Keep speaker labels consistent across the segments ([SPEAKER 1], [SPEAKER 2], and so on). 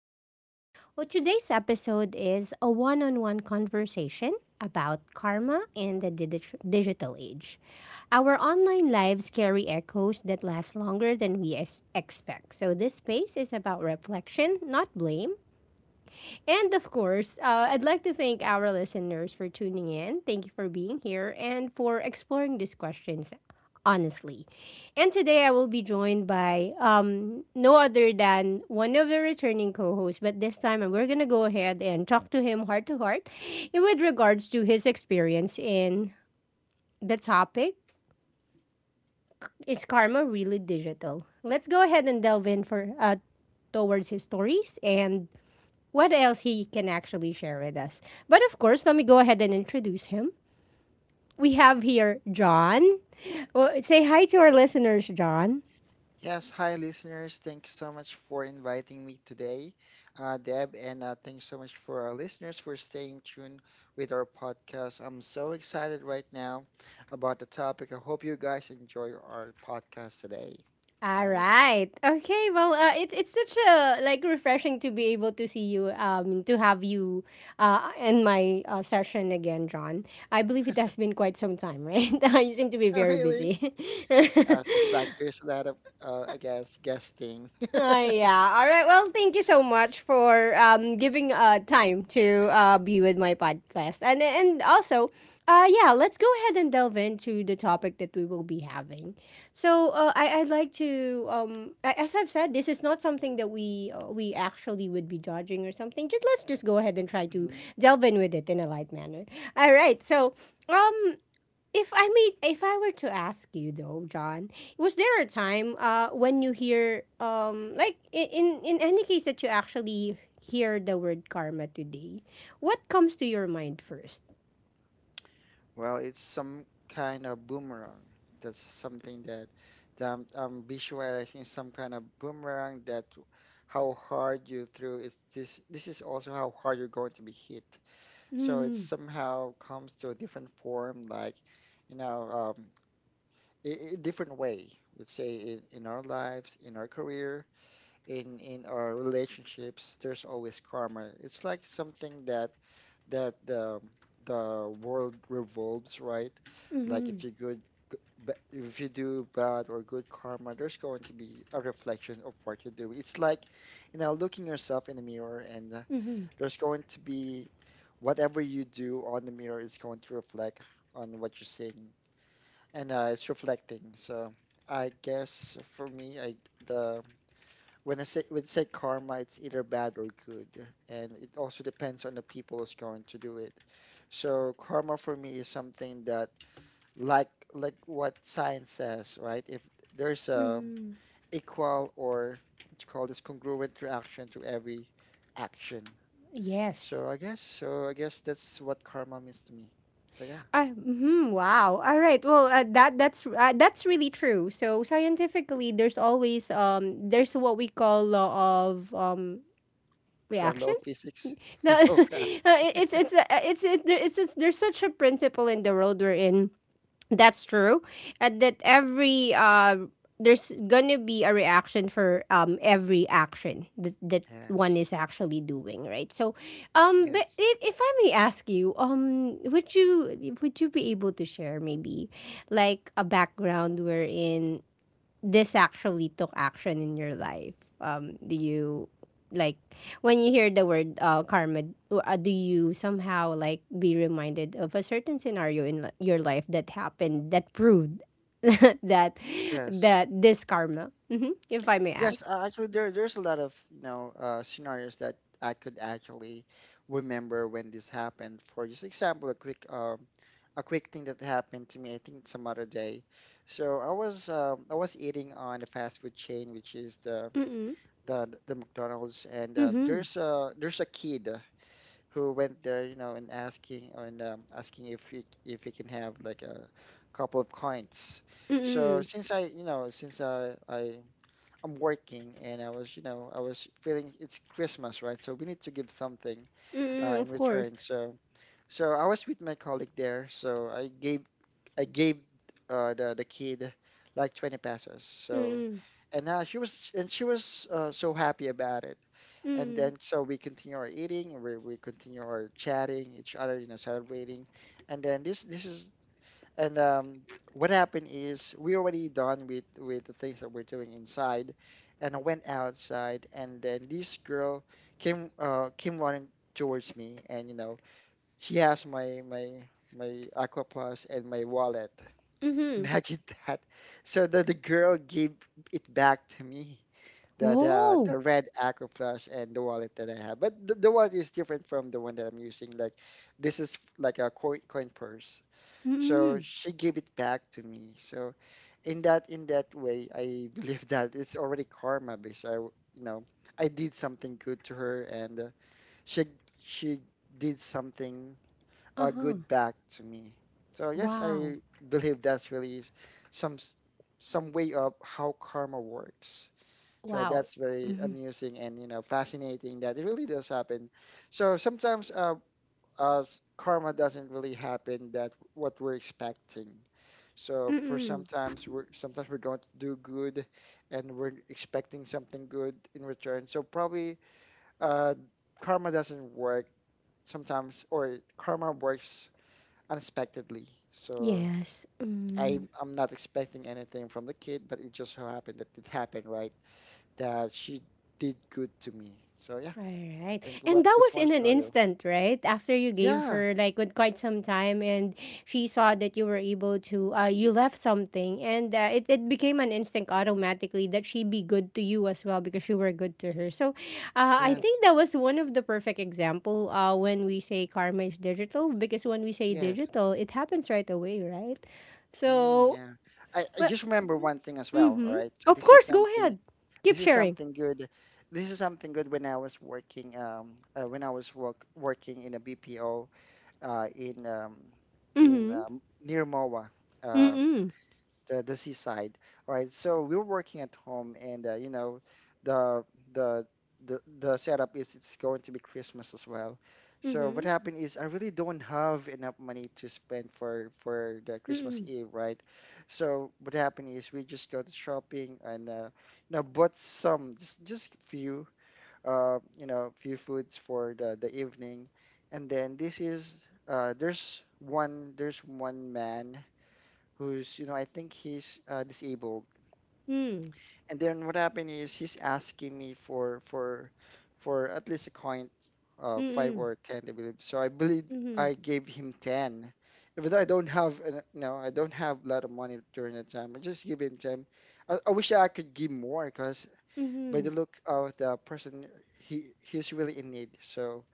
[SPEAKER 1] Lounge. Well, today's episode is a one on one conversation about karma in the digital age. Our online lives carry echoes that last longer than we expect. So, this space is about reflection, not blame, and of course, I'd like to thank our listeners for tuning in. Thank you for being here and for exploring these questions honestly. And today I will be joined by no other than one of the returning co hosts, but this time we're going to go ahead and talk to him heart to heart with regards to his experience in the topic Is Karma Really Digital? Let's go ahead and delve in for towards his stories and what else he can actually share with us. But of course, let me go ahead and introduce him. We have here John. Well, say hi to our listeners, John.
[SPEAKER 2] Yes, hi listeners. Thanks so much for inviting me today, Deb, and thanks so much for our listeners for staying tuned with our podcast. I'm so excited right now about the topic. I hope you guys enjoy our podcast today.
[SPEAKER 1] All
[SPEAKER 2] All right,
[SPEAKER 1] right. Okay. Well, it's such a like refreshing to be able to see you, to have you, in my session again, John. I believe it has been quite some time, right? You seem to be very
[SPEAKER 2] really?
[SPEAKER 1] busy.
[SPEAKER 2] Seems like there's a lot of, I guess, guesting.
[SPEAKER 1] Yeah. All right. Well, thank you so much for giving time to be with my podcast. And also, yeah, let's go ahead and delve into the topic that we will be having. So, I'd like to as I've said, this is not something that we actually would be judging or something. Just let's just go ahead and try to
[SPEAKER 2] Mhm.
[SPEAKER 1] delve in with it in a light manner. All right. So, um, if I may, if I were to ask you though, John, was there a time when you hear like in any case that you actually hear the word karma today, what comes to your mind first?
[SPEAKER 2] Well, it's some kind of boomerang. That's something that I'm visualizing some kind of boomerang that how hard you threw it's this is also how hard you're going to be hit. So it
[SPEAKER 1] Mm-hmm.
[SPEAKER 2] somehow comes to a different form, like you know, a different way. Let's say in our lives, in our career, in our relationships, there's always karma. It's like something that that the world revolves, right? Like
[SPEAKER 1] Mm-hmm.
[SPEAKER 2] if you good if you do bad or good karma, there's going to be a reflection of what you do. It's like, you know, looking yourself in the mirror and
[SPEAKER 1] Mm-hmm.
[SPEAKER 2] there's going to be whatever you do on the mirror is going to reflect on what you're seeing. And it's reflecting. So I guess for me, I the when I say karma, it's either bad or good, and it also depends on the people who's going to do it. So karma for me is something that, like like what science says, right? If there's a
[SPEAKER 1] Mm-hmm.
[SPEAKER 2] equal or what you call this congruent reaction to every action.
[SPEAKER 1] Yes.
[SPEAKER 2] So I guess that's what karma means to me. So yeah,
[SPEAKER 1] Mhm, wow. All right. Well, that's really true. So scientifically, there's always there's what we call law of
[SPEAKER 2] is that law
[SPEAKER 1] reaction.
[SPEAKER 2] of physics?
[SPEAKER 1] No, it-
[SPEAKER 2] Law reaction.
[SPEAKER 1] it's a- it's it, there- it's there's such a principle in the world we're in. That's true, and that every there's gonna be a reaction for every action that one
[SPEAKER 2] Yes.
[SPEAKER 1] is actually doing, right? So, but
[SPEAKER 2] Yes.
[SPEAKER 1] if I may ask you, would you be able to share maybe like a background wherein this actually took action in your life? Do you like when you hear the word karma? Do you somehow like be reminded of a certain scenario in your life that happened that proved that
[SPEAKER 2] Yes.
[SPEAKER 1] that this karma, if I may
[SPEAKER 2] Yes,
[SPEAKER 1] ask?
[SPEAKER 2] actually, there's a lot of you know scenarios that I could actually remember when this happened. For just example, a quick a quick thing that happened to me. I think some other day. So I was eating on a fast food chain, which is the
[SPEAKER 1] Mm-mm.
[SPEAKER 2] the, the McDonald's, and
[SPEAKER 1] Mm-hmm.
[SPEAKER 2] there's a kid who went there, you know, and asking if he can have like a couple of coins. So
[SPEAKER 1] Mm-mm.
[SPEAKER 2] since I, you know, since I'm working and I was, you know, I was feeling it's Christmas, right? So we need to give something
[SPEAKER 1] Mm-mm.
[SPEAKER 2] in
[SPEAKER 1] Of course.
[SPEAKER 2] return. So, so I was with my colleague there. So I gave the kid like 20 pesos. So,
[SPEAKER 1] Mm-mm.
[SPEAKER 2] and now she was, and she was so happy about it. And
[SPEAKER 1] Mm-mm.
[SPEAKER 2] then so we continue our eating, we continue our chatting each other, you know, celebrating. And then this is and what happened is we already done with the things that we're doing inside, and I went outside, and then this girl came came running towards me, and you know she has my Aqua Plus and my wallet.
[SPEAKER 1] Mm-hmm.
[SPEAKER 2] Imagine that. So the girl gave it back to me. The, the
[SPEAKER 1] Oh.
[SPEAKER 2] the red Aqua Plus and the wallet that I have, but the wallet is different from the one that I'm using. Like this is like a coin purse. So
[SPEAKER 1] Mm-mm.
[SPEAKER 2] she gave it back to me. So in that way, I believe that it's already karma because you know I did something good to her and she she did something
[SPEAKER 1] Uh-huh.
[SPEAKER 2] good back to me. So yes,
[SPEAKER 1] Wow.
[SPEAKER 2] I believe that's really some s- some way of how karma works. So
[SPEAKER 1] Wow.
[SPEAKER 2] that's very
[SPEAKER 1] Mm-hmm.
[SPEAKER 2] amusing and you know fascinating that it really does happen. So sometimes uh, karma doesn't really happen that what we're expecting. So for
[SPEAKER 1] Mm-mm.
[SPEAKER 2] sometimes we're going to do good, and we're expecting something good in return. So probably uh, karma doesn't work sometimes, or karma works unexpectedly. So
[SPEAKER 1] Yes.
[SPEAKER 2] I
[SPEAKER 1] Mm.
[SPEAKER 2] I'm not expecting anything from the kid, but it just so happened that it happened, right? That she did good to me. So yeah,
[SPEAKER 1] All
[SPEAKER 2] I
[SPEAKER 1] right.
[SPEAKER 2] think
[SPEAKER 1] And
[SPEAKER 2] what
[SPEAKER 1] that
[SPEAKER 2] this
[SPEAKER 1] was
[SPEAKER 2] one
[SPEAKER 1] in an
[SPEAKER 2] scenario.
[SPEAKER 1] instant, right? After you gave
[SPEAKER 2] Yeah.
[SPEAKER 1] her like with quite some time and she saw that you were able to you left something and it became an instinct automatically that she be good to you as well because you were good to her. So, I think
[SPEAKER 2] Yes.
[SPEAKER 1] that was one of the perfect example when we say karma is digital because when we say
[SPEAKER 2] Yes.
[SPEAKER 1] digital, it happens right away, right?
[SPEAKER 2] Mm,
[SPEAKER 1] So,
[SPEAKER 2] yeah. I
[SPEAKER 1] well,
[SPEAKER 2] just remember one thing as well, all
[SPEAKER 1] mhm.
[SPEAKER 2] right? So
[SPEAKER 1] Of course, go ahead. Keep
[SPEAKER 2] this is
[SPEAKER 1] sharing.
[SPEAKER 2] something good. This is something good when I was working when I was work, working in a BPO uh in um in
[SPEAKER 1] Mhm.
[SPEAKER 2] near MOA. Uh
[SPEAKER 1] Mhm.
[SPEAKER 2] the seaside, all right? So we are working at home, and you know, the the the setup is it's going to be Christmas as well. So what
[SPEAKER 1] Mhm.
[SPEAKER 2] happened is I really don't have enough money to spend for the Christmas
[SPEAKER 1] Mhm.
[SPEAKER 2] Eve, right? So what happened is we just go to shopping and you know bought some just few you know few foods for the evening, and then this is there's one man who's you know I think he's disabled.
[SPEAKER 1] Mm.
[SPEAKER 2] And then what happened is he's asking me for at least a coin, five
[SPEAKER 1] Mm-mm.
[SPEAKER 2] or ten, I believe. So I believe
[SPEAKER 1] Mhm.
[SPEAKER 2] I gave him ten, even though I don't have an- no, I don't have a lot of money during that time. I just give him ten. I wish I could give more because by
[SPEAKER 1] Mhm.
[SPEAKER 2] the look of the person, he's really in need. So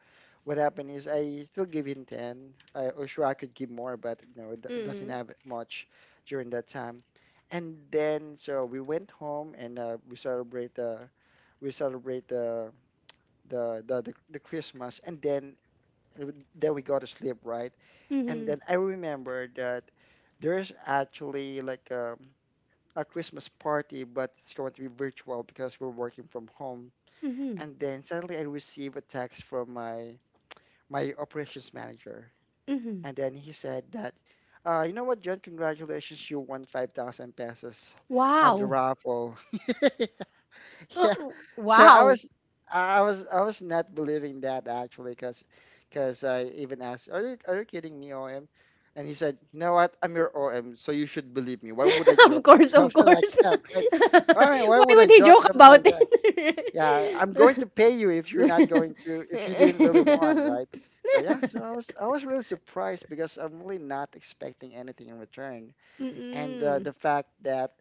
[SPEAKER 2] what happened is I still give him 10. I, or sure, I could give more, but you know, doesn't
[SPEAKER 1] Mm.
[SPEAKER 2] have much during that time. And then, so we went home and we celebrate the Christmas, and then we go to sleep, right? And
[SPEAKER 1] Mhm.
[SPEAKER 2] then I remember that there's actually like a Christmas party, but it's going to be virtual because we're working from home.
[SPEAKER 1] Mhm.
[SPEAKER 2] And then suddenly I receive a text from my operations manager.
[SPEAKER 1] Mhm.
[SPEAKER 2] And then he said that, you know what, John, congratulations, you won 5,000 pesos on the
[SPEAKER 1] Wow.
[SPEAKER 2] raffle.
[SPEAKER 1] Uh,
[SPEAKER 2] Yeah. So
[SPEAKER 1] wow.
[SPEAKER 2] I was not believing that actually because I even asked, "Are you kidding me, OM?" And he said, "You know what? I'm your OM, so you should believe me. Why would I
[SPEAKER 1] Of
[SPEAKER 2] joke?"
[SPEAKER 1] course, of
[SPEAKER 2] Something like
[SPEAKER 1] course.
[SPEAKER 2] that, right? I mean, why
[SPEAKER 1] Why
[SPEAKER 2] would I
[SPEAKER 1] would he
[SPEAKER 2] joke
[SPEAKER 1] joke
[SPEAKER 2] something
[SPEAKER 1] about
[SPEAKER 2] like
[SPEAKER 1] it?
[SPEAKER 2] yeah, I'm going to pay you if you're not going to, if you didn't really want, right? So yeah, so I was really surprised because I'm really not expecting anything in return, and
[SPEAKER 1] Mm-mm.
[SPEAKER 2] the fact that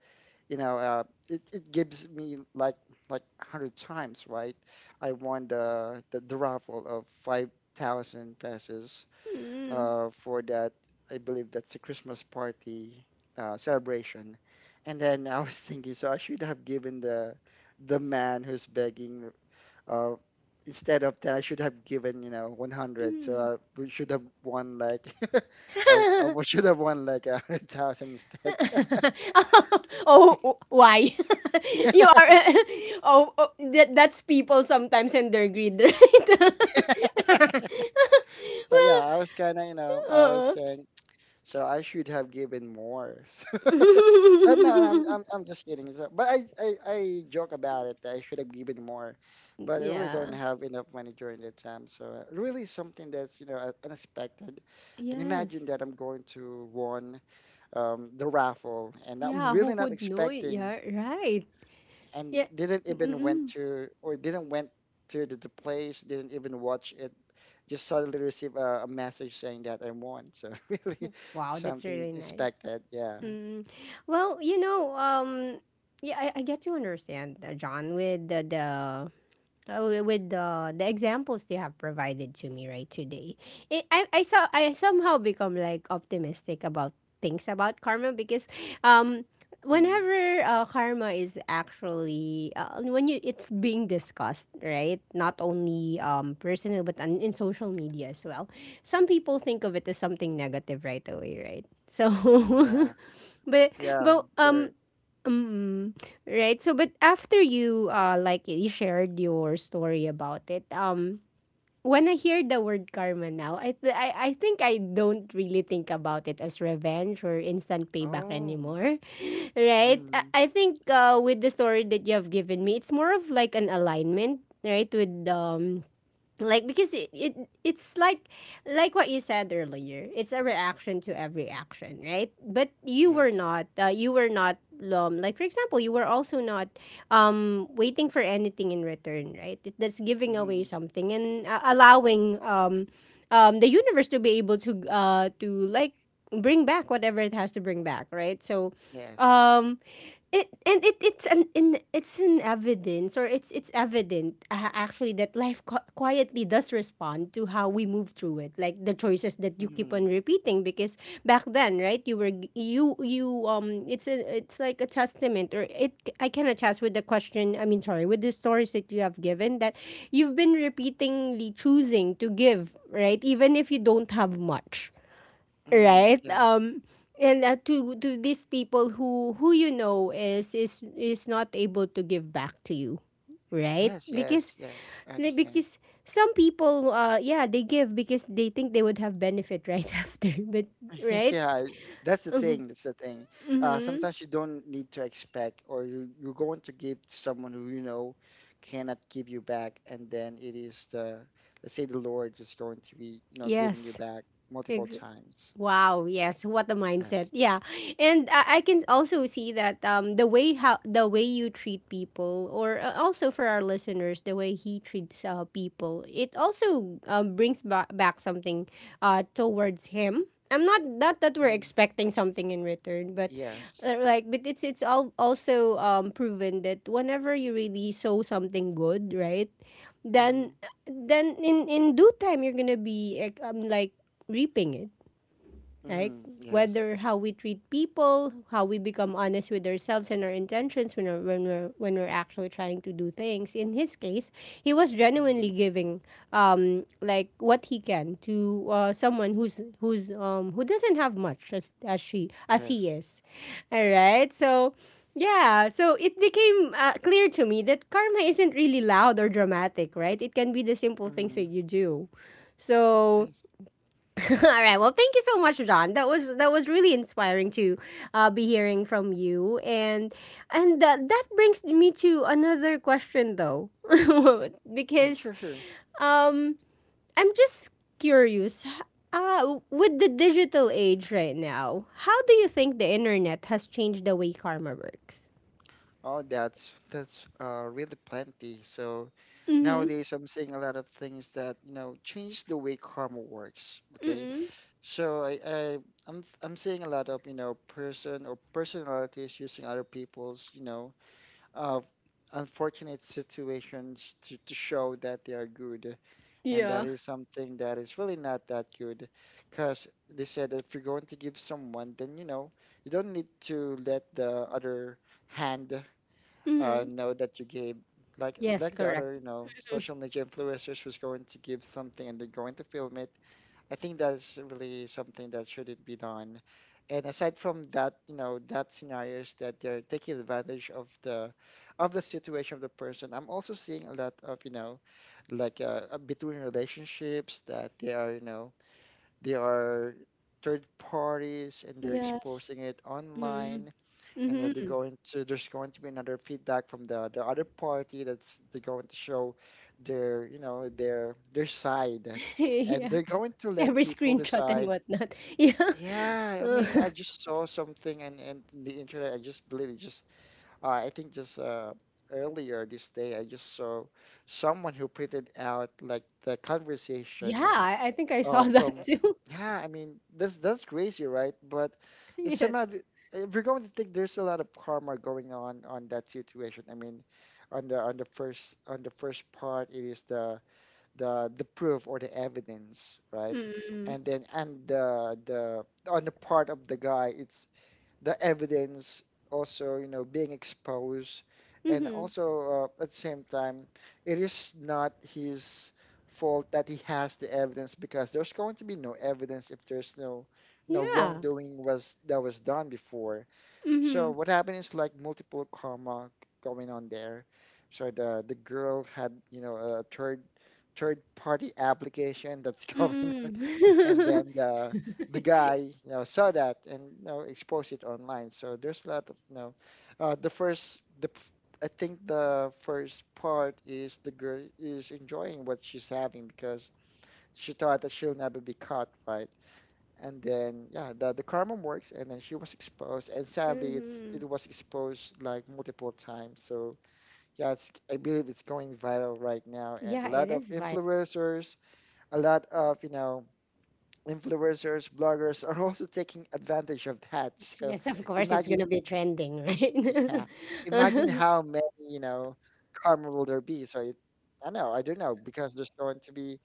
[SPEAKER 2] you know it gives me like 100 times, right? I won the raffle of 5,000 pesos
[SPEAKER 1] Mm-mm.
[SPEAKER 2] for that. I believe that's a Christmas party celebration. And then I was thinking, so I should have given the man who's begging, uh, instead of that, I should have given, you know, 100. So I we should have won like, should have won like a 100,000 instead.
[SPEAKER 1] Oh, why? You are. Oh, that's people sometimes and their greed, right?
[SPEAKER 2] So yeah,
[SPEAKER 1] Well,
[SPEAKER 2] I was kind of, you know, I was
[SPEAKER 1] uh-uh.
[SPEAKER 2] saying, so I should have given more. So, but no, I'm just kidding. So, but I joke about it that I should have given more. But I really don't
[SPEAKER 1] Yeah.
[SPEAKER 2] have enough money during that time. So really something that's, you know, unexpected. And imagine
[SPEAKER 1] Yes.
[SPEAKER 2] that I'm going to won the raffle, and I'm
[SPEAKER 1] Yeah, who
[SPEAKER 2] really not
[SPEAKER 1] would know it?
[SPEAKER 2] expecting,
[SPEAKER 1] Yeah, right.
[SPEAKER 2] and
[SPEAKER 1] Yeah.
[SPEAKER 2] didn't even went
[SPEAKER 1] Mm-mm.
[SPEAKER 2] to or didn't went to the place, didn't even watch it. Just suddenly receive a message saying that I won. So really,
[SPEAKER 1] Wow, that's
[SPEAKER 2] something
[SPEAKER 1] really nice.
[SPEAKER 2] expected. Yeah.
[SPEAKER 1] Mm. Well, yeah, I get to understand, John, with the examples you have provided to me right today I saw I somehow become like optimistic about things about karma because um
[SPEAKER 2] Hmm.
[SPEAKER 1] whenever karma is actually when you it's being discussed right not only personal but in social media as well some people think of it as something negative right away right so
[SPEAKER 2] Mm, yeah. Yeah.
[SPEAKER 1] but um
[SPEAKER 2] There.
[SPEAKER 1] Mm, right. So, but after you like you shared your story about it, when I hear the word karma now, I think I don't really think about it as revenge or instant payback
[SPEAKER 2] Oh.
[SPEAKER 1] anymore, right? I,
[SPEAKER 2] Mm,
[SPEAKER 1] I think with the story that you have given me, it's more of like an alignment, right, with like because it's like what you said earlier it's a reaction to every action right but you were
[SPEAKER 2] yes.
[SPEAKER 1] not uh, you were not um, like for example you were also not waiting for anything in return right that's giving away
[SPEAKER 2] Hmm.
[SPEAKER 1] something and allowing the universe to be able to like bring back whatever it has to bring back right so
[SPEAKER 2] Yes.
[SPEAKER 1] um it's an evidence or it's evident actually that life quietly does respond to how we move through it like the choices that you keep on
[SPEAKER 2] Hmm.
[SPEAKER 1] repeating because back then right you were g- you it's like a testament or it I can attest with the question I mean sorry with the stories that you have given that you've been repeatedly choosing to give right even if you don't have much
[SPEAKER 2] Mm,
[SPEAKER 1] right
[SPEAKER 2] yeah.
[SPEAKER 1] and to these people who is not able to give back to you right
[SPEAKER 2] Yes. Yes.
[SPEAKER 1] because
[SPEAKER 2] Yes, I
[SPEAKER 1] like,
[SPEAKER 2] understand.
[SPEAKER 1] because some people yeah they give because they think they would have benefit right after but right
[SPEAKER 2] Yeah, that's the
[SPEAKER 1] mm-hmm.
[SPEAKER 2] thing. That's the thing.
[SPEAKER 1] Mm-hmm.
[SPEAKER 2] Sometimes you don't need to expect, or you you're going to give to someone who you know cannot give you back, and then it is the, let's say, the Lord is going to be you know giving you
[SPEAKER 1] Yes.
[SPEAKER 2] back multiple times.
[SPEAKER 1] Wow, yes, what a mindset.
[SPEAKER 2] Yes.
[SPEAKER 1] Yeah. And I can also see that the way you treat people or also for our listeners the way he treats people, it also brings back something towards him. I'm Not that we're
[SPEAKER 2] Mm.
[SPEAKER 1] expecting something in return, but
[SPEAKER 2] Yes.
[SPEAKER 1] like but it's all also proven that whenever you really sow something good, right?
[SPEAKER 2] Mm-hmm.
[SPEAKER 1] Then then in due time you're going to be like, like reaping it right?
[SPEAKER 2] Mm-hmm. Yes.
[SPEAKER 1] Whether how we treat people, how we become honest with ourselves and our intentions when we're actually trying to do things. In his case, he was
[SPEAKER 2] Mm-hmm.
[SPEAKER 1] genuinely giving like what he can to someone who doesn't have much as he
[SPEAKER 2] Yes.
[SPEAKER 1] is. All right, so. Yeah, so it became clear to me that karma isn't really loud or dramatic, right? It can be the simple things
[SPEAKER 2] Mm-hmm.
[SPEAKER 1] that you do. So
[SPEAKER 2] Yes.
[SPEAKER 1] All right. Well, thank you so much, John. That was really inspiring to be hearing from you, and that brings me to another question, though,
[SPEAKER 2] Mm.
[SPEAKER 1] because
[SPEAKER 2] Sure. Sure.
[SPEAKER 1] um, I'm just curious. With the digital age right now, how do you think the internet has changed the way karma works?
[SPEAKER 2] Oh, that's really plenty. So
[SPEAKER 1] Mm-hmm.
[SPEAKER 2] nowadays, I'm seeing a lot of things that you know change the way karma works. Okay,
[SPEAKER 1] Mm-hmm.
[SPEAKER 2] so I'm I'm seeing a lot of person or personalities using other people's uh, unfortunate situations to show that they are good, and that
[SPEAKER 1] Yeah.
[SPEAKER 2] is something that is really not that good, because they said that if you're going to give someone, then you know you don't need to let the other hand
[SPEAKER 1] Mm-hmm.
[SPEAKER 2] know that you gave, like
[SPEAKER 1] Yes.
[SPEAKER 2] like the
[SPEAKER 1] Correct.
[SPEAKER 2] other you know social media influencers who's going to give something and they're going to film it. I think that's really something that shouldn't be done, and aside from that, you know, that scenario is that they're taking advantage of the situation of the person. I'm also seeing a lot of you know, between relationships that they are you know, they are third parties and they're
[SPEAKER 1] Yes.
[SPEAKER 2] exposing it online. And then they're
[SPEAKER 1] Mm-hmm.
[SPEAKER 2] going to there's going to be another feedback from the other party, that's they're going to show their you know their side, and
[SPEAKER 1] Yeah.
[SPEAKER 2] they're going to let
[SPEAKER 1] Every
[SPEAKER 2] people
[SPEAKER 1] screenshot and
[SPEAKER 2] decide.
[SPEAKER 1] whatnot. Yeah.
[SPEAKER 2] Yeah, I
[SPEAKER 1] Uh,
[SPEAKER 2] mean I just saw something, and in the internet, I just believe it. Just I think just earlier this day I just saw someone who printed out like the
[SPEAKER 1] yeah,
[SPEAKER 2] conversation
[SPEAKER 1] I think I saw that
[SPEAKER 2] from
[SPEAKER 1] too.
[SPEAKER 2] yeah, I mean, that's crazy, right? But it's
[SPEAKER 1] Yes.
[SPEAKER 2] somehow if you're going to think, there's a lot of karma going on that situation. I mean, on the first part, it is the proof or the evidence, right?
[SPEAKER 1] Mm-hmm.
[SPEAKER 2] And then and the on the part of the guy, it's the evidence also, you know, being exposed, and
[SPEAKER 1] Mm-hmm.
[SPEAKER 2] also at the same time, it is not his fault that he has the evidence, because there's going to be no evidence if there's no
[SPEAKER 1] Yeah.
[SPEAKER 2] wrongdoing was that was done before. So
[SPEAKER 1] Mm-hmm.
[SPEAKER 2] what happened is like multiple karma going on there. So the girl had, you know, a third party application that's going, and
[SPEAKER 1] Mm-hmm.
[SPEAKER 2] then the guy, you know, saw that and you know exposed it online. So there's a lot of you know, the first the f- I think the first part is, the girl is enjoying what she's having because she thought that she'll never be caught, right? And then yeah, the karma works, and then she was exposed, and sadly it's
[SPEAKER 1] Mm-hmm.
[SPEAKER 2] it was exposed like multiple times. So yeah, it's, I believe it's going viral right now, and a
[SPEAKER 1] Yeah,
[SPEAKER 2] lot
[SPEAKER 1] it
[SPEAKER 2] of
[SPEAKER 1] is viral.
[SPEAKER 2] influencers, a lot of you know influencers, bloggers are also taking advantage of that. So
[SPEAKER 1] Yes, of course, it's
[SPEAKER 2] imagine,
[SPEAKER 1] gonna be trending,
[SPEAKER 2] yeah,
[SPEAKER 1] right?
[SPEAKER 2] imagine how many, you know, karma will there be. So it, I know, I don't know, because there's going to be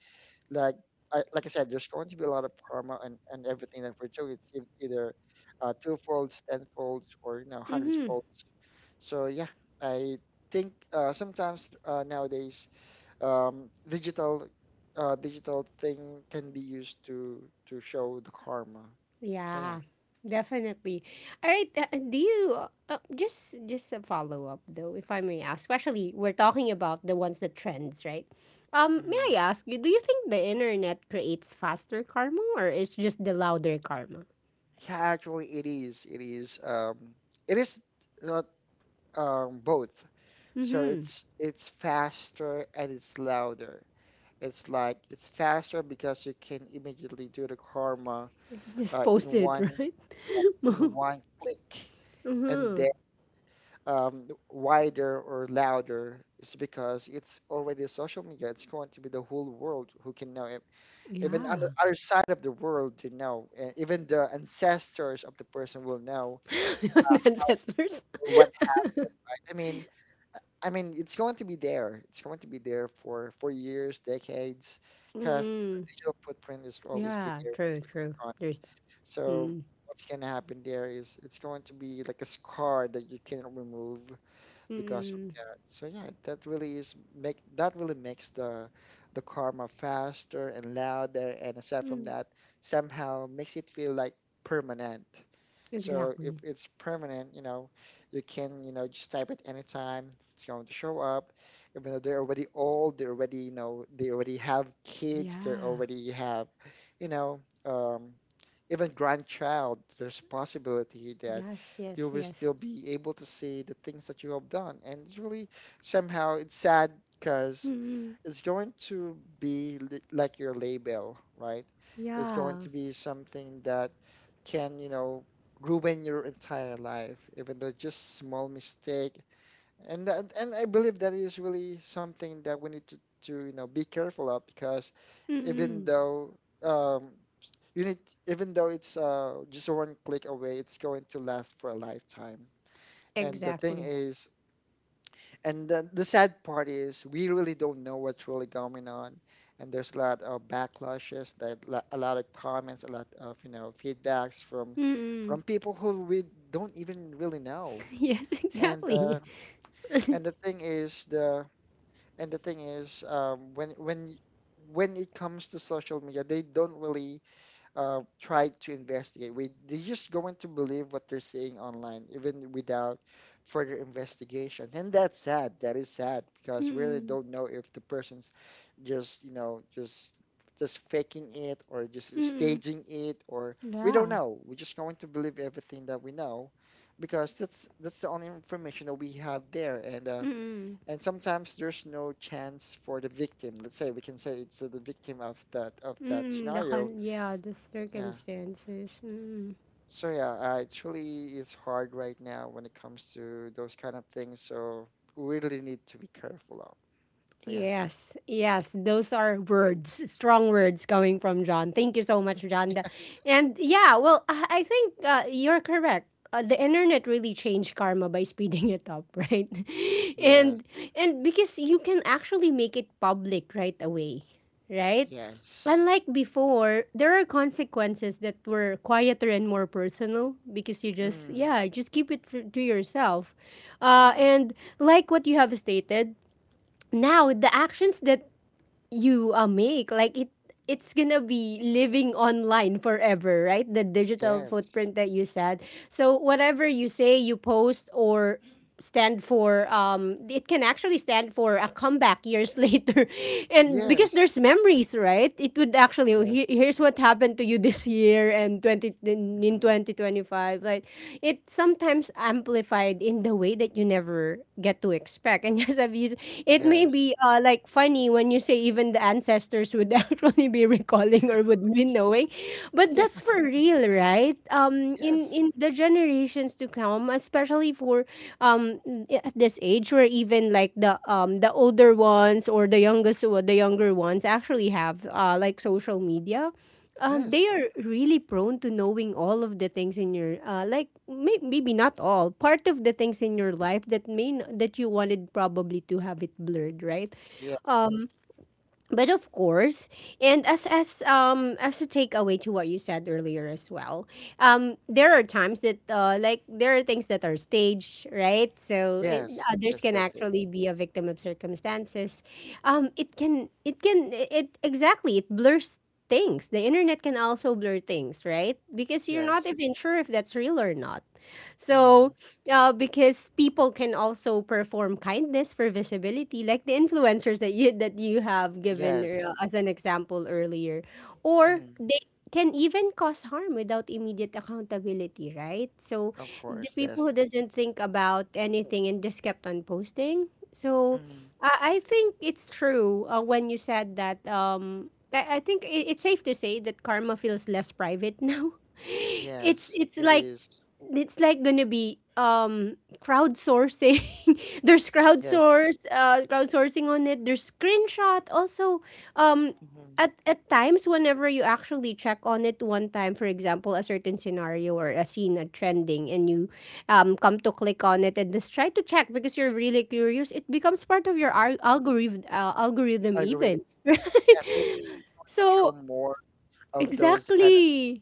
[SPEAKER 2] like, like I said, there's going to be a lot of karma and, everything that we're doing, it's either two folds, ten folds, or you know, hundreds
[SPEAKER 1] Mm-hmm.
[SPEAKER 2] folds. So yeah, I think sometimes nowadays, digital, digital thing can be used to show the karma. So yeah,
[SPEAKER 1] Yeah, definitely. All right, do you just a follow up though, if I may ask? Especially we're talking about the ones that trends, right? May
[SPEAKER 2] hmm,
[SPEAKER 1] I ask you, do you think the internet creates faster karma or it's just the louder karma?
[SPEAKER 2] yeah, actually, it is, it is not both. So
[SPEAKER 1] Mm-hmm.
[SPEAKER 2] it's faster and it's louder. It's like, it's faster because you can immediately do the karma
[SPEAKER 1] Just
[SPEAKER 2] uh,
[SPEAKER 1] post
[SPEAKER 2] in
[SPEAKER 1] it,
[SPEAKER 2] one
[SPEAKER 1] right?
[SPEAKER 2] in one click, and
[SPEAKER 1] Mm-hmm.
[SPEAKER 2] then wider or louder is because it's already social media. It's going to be the whole world who can know it. Even on the
[SPEAKER 1] Yeah.
[SPEAKER 2] other side of the world, you know, and even the ancestors of the person will know
[SPEAKER 1] The ancestors.
[SPEAKER 2] what I mean, it's going to be there, it's going to be there for years, decades, because the
[SPEAKER 1] Mm.
[SPEAKER 2] digital footprint is always be
[SPEAKER 1] Yeah,
[SPEAKER 2] there, what's
[SPEAKER 1] true, true.
[SPEAKER 2] going on.
[SPEAKER 1] There's
[SPEAKER 2] So
[SPEAKER 1] mm,
[SPEAKER 2] what's going to happen there is it's going to be like a scar that you cannot remove because of
[SPEAKER 1] mm,
[SPEAKER 2] that. So yeah, that really is make that really makes the karma faster and louder, and aside from
[SPEAKER 1] mm,
[SPEAKER 2] that, somehow makes it feel like permanent. So if
[SPEAKER 1] exactly.
[SPEAKER 2] it's permanent, you know, you can, you know, just type it anytime, it's going to show up. Even though they're already old, they're already, you know, they already have kids, they
[SPEAKER 1] Yeah.
[SPEAKER 2] already have, you know, um, even grandchild, there's possibility that
[SPEAKER 1] Yes, yes,
[SPEAKER 2] you will
[SPEAKER 1] yes.
[SPEAKER 2] still be able to see the things that you have done. And it's really, somehow it's sad because
[SPEAKER 1] Mm-mm.
[SPEAKER 2] it's going to be like your label, right? It's going
[SPEAKER 1] Yeah.
[SPEAKER 2] to be something that can, you know, ruin your entire life, even though just small mistake, and that, and I believe that is really something that we need to, you know be careful of, because even
[SPEAKER 1] Mm-mm.
[SPEAKER 2] though um, you need it's just one click away, it's going to last for a lifetime. And the thing
[SPEAKER 1] Exactly.
[SPEAKER 2] is, the sad part is, we really don't know what's really going on. And there's a lot of backlashes, a lot of comments, a lot of you know feedbacks
[SPEAKER 1] Mm-mm.
[SPEAKER 2] from people who we don't even really know.
[SPEAKER 1] Yes,
[SPEAKER 2] And uh,
[SPEAKER 1] exactly.
[SPEAKER 2] and the thing is, the and the thing is, when when it comes to social media, they don't really try to investigate. We, they just going to believe what they're seeing online, even without further investigation. And that's sad. That is sad because we really
[SPEAKER 1] Mm-mm.
[SPEAKER 2] don't know if the person's just you know just faking it or just
[SPEAKER 1] Mm-mm.
[SPEAKER 2] staging it, or we don't
[SPEAKER 1] Yeah.
[SPEAKER 2] know. We're just going to believe everything that we know because that's the only information that we have there. And
[SPEAKER 1] Mm-mm.
[SPEAKER 2] and sometimes there's no chance for the victim. Let's say, we can say it's the victim of that
[SPEAKER 1] Mm-mm.
[SPEAKER 2] scenario.
[SPEAKER 1] Yeah, the
[SPEAKER 2] Yeah.
[SPEAKER 1] circumstances. Mm-mm.
[SPEAKER 2] So yeah, it really is hard right now when it comes to those kind of things. So we really need to be careful of. So yeah.
[SPEAKER 1] Yes, yes, those are words, strong words coming from John. Thank you so much, John. And yeah, well, I think you're correct. The internet really changed karma by speeding it up, right?
[SPEAKER 2] Yes.
[SPEAKER 1] And and because you can actually make it public right away, right?
[SPEAKER 2] Yes.
[SPEAKER 1] Unlike before, there are consequences that were quieter and more personal because you just
[SPEAKER 2] Mm.
[SPEAKER 1] yeah, just keep it to yourself. Uh,
[SPEAKER 2] Mm.
[SPEAKER 1] and like what you have stated, now the actions that you make like it's gonna be living online forever, right? The digital
[SPEAKER 2] Yes.
[SPEAKER 1] footprint that you said. So whatever you say, you post or stand for, it can actually stand for a comeback years later. And because
[SPEAKER 2] Yes.
[SPEAKER 1] there's memories, right? It would actually, oh,
[SPEAKER 2] Yes.
[SPEAKER 1] here, here's what happened to you this year, and 20 in
[SPEAKER 2] Hmm.
[SPEAKER 1] 2025, like it sometimes amplified in the way that you never get to expect. And yes, I've used it, may
[SPEAKER 2] Yes.
[SPEAKER 1] be like funny when you say even the ancestors would actually be recalling or would be knowing. But
[SPEAKER 2] Yeah.
[SPEAKER 1] that's for real, right? Um, in
[SPEAKER 2] Yes.
[SPEAKER 1] in the generations to come, especially for um at this age, where even like the older ones or the younger ones actually have like social media. Um,
[SPEAKER 2] Yes.
[SPEAKER 1] they are really prone to knowing all of the things in your like maybe not all part of the things in your life that that you wanted probably to have it blurred, right?
[SPEAKER 2] Yeah.
[SPEAKER 1] But of course, and as a takeaway to what you said earlier as well, there are times that like there are things that are staged, right? So it,
[SPEAKER 2] Yes.
[SPEAKER 1] others
[SPEAKER 2] Yes,
[SPEAKER 1] can
[SPEAKER 2] that's it.
[SPEAKER 1] actually be a victim of circumstances. It can, it exactly, it blurs things. The internet can also blur things, right? Because you're not
[SPEAKER 2] Yes.
[SPEAKER 1] even sure if that's real or not. So,
[SPEAKER 2] Hmm.
[SPEAKER 1] because people can also perform kindness for visibility, like the influencers that you have given
[SPEAKER 2] Yes.
[SPEAKER 1] as an example earlier, or
[SPEAKER 2] Hmm.
[SPEAKER 1] they can even cause harm without immediate accountability, right? So,
[SPEAKER 2] Of
[SPEAKER 1] the
[SPEAKER 2] course.
[SPEAKER 1] people
[SPEAKER 2] Yes.
[SPEAKER 1] who doesn't think about anything and just kept on posting. So,
[SPEAKER 2] Mm,
[SPEAKER 1] I think it's true when you said that. I think it's safe to say that karma feels less private now. It's
[SPEAKER 2] yes,
[SPEAKER 1] it's
[SPEAKER 2] it
[SPEAKER 1] like
[SPEAKER 2] is.
[SPEAKER 1] it's like gonna be crowdsourcing. There's
[SPEAKER 2] Yes.
[SPEAKER 1] crowdsource crowdsourcing on it. There's screenshot also. um
[SPEAKER 2] Mm-hmm.
[SPEAKER 1] at times, whenever you actually check on it one time, for example a certain scenario or a scene, a trending, and you come to click on it and just try to check because you're really curious, it becomes part of your algorithm
[SPEAKER 2] Algorithm.
[SPEAKER 1] even. Right?
[SPEAKER 2] Yes, it is, show
[SPEAKER 1] So
[SPEAKER 2] more of those kind
[SPEAKER 1] exactly,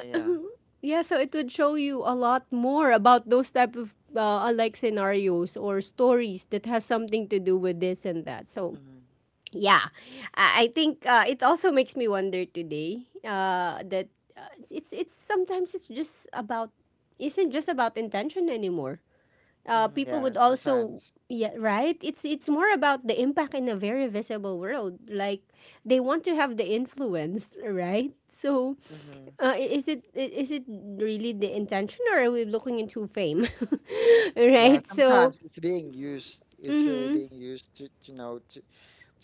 [SPEAKER 2] of. Yeah.
[SPEAKER 1] yeah, so it would show you a lot more about those type of like scenarios or stories that has something to do with this and that. So
[SPEAKER 2] Mm-hmm.
[SPEAKER 1] yeah, I think it also makes me wonder today that it's sometimes it's just about, isn't just about intention anymore.
[SPEAKER 2] Mm-hmm.
[SPEAKER 1] People
[SPEAKER 2] Yeah.
[SPEAKER 1] would also,
[SPEAKER 2] Sometimes.
[SPEAKER 1] yeah, right. It's more about the impact in a very visible world. Like, they want to have the influence, right? So
[SPEAKER 2] Mm-hmm.
[SPEAKER 1] is it really the intention, or are we looking into fame?
[SPEAKER 2] Yeah,
[SPEAKER 1] Right. So.
[SPEAKER 2] sometimes it's being used. It's really
[SPEAKER 1] Mm-hmm.
[SPEAKER 2] being used to, you know, to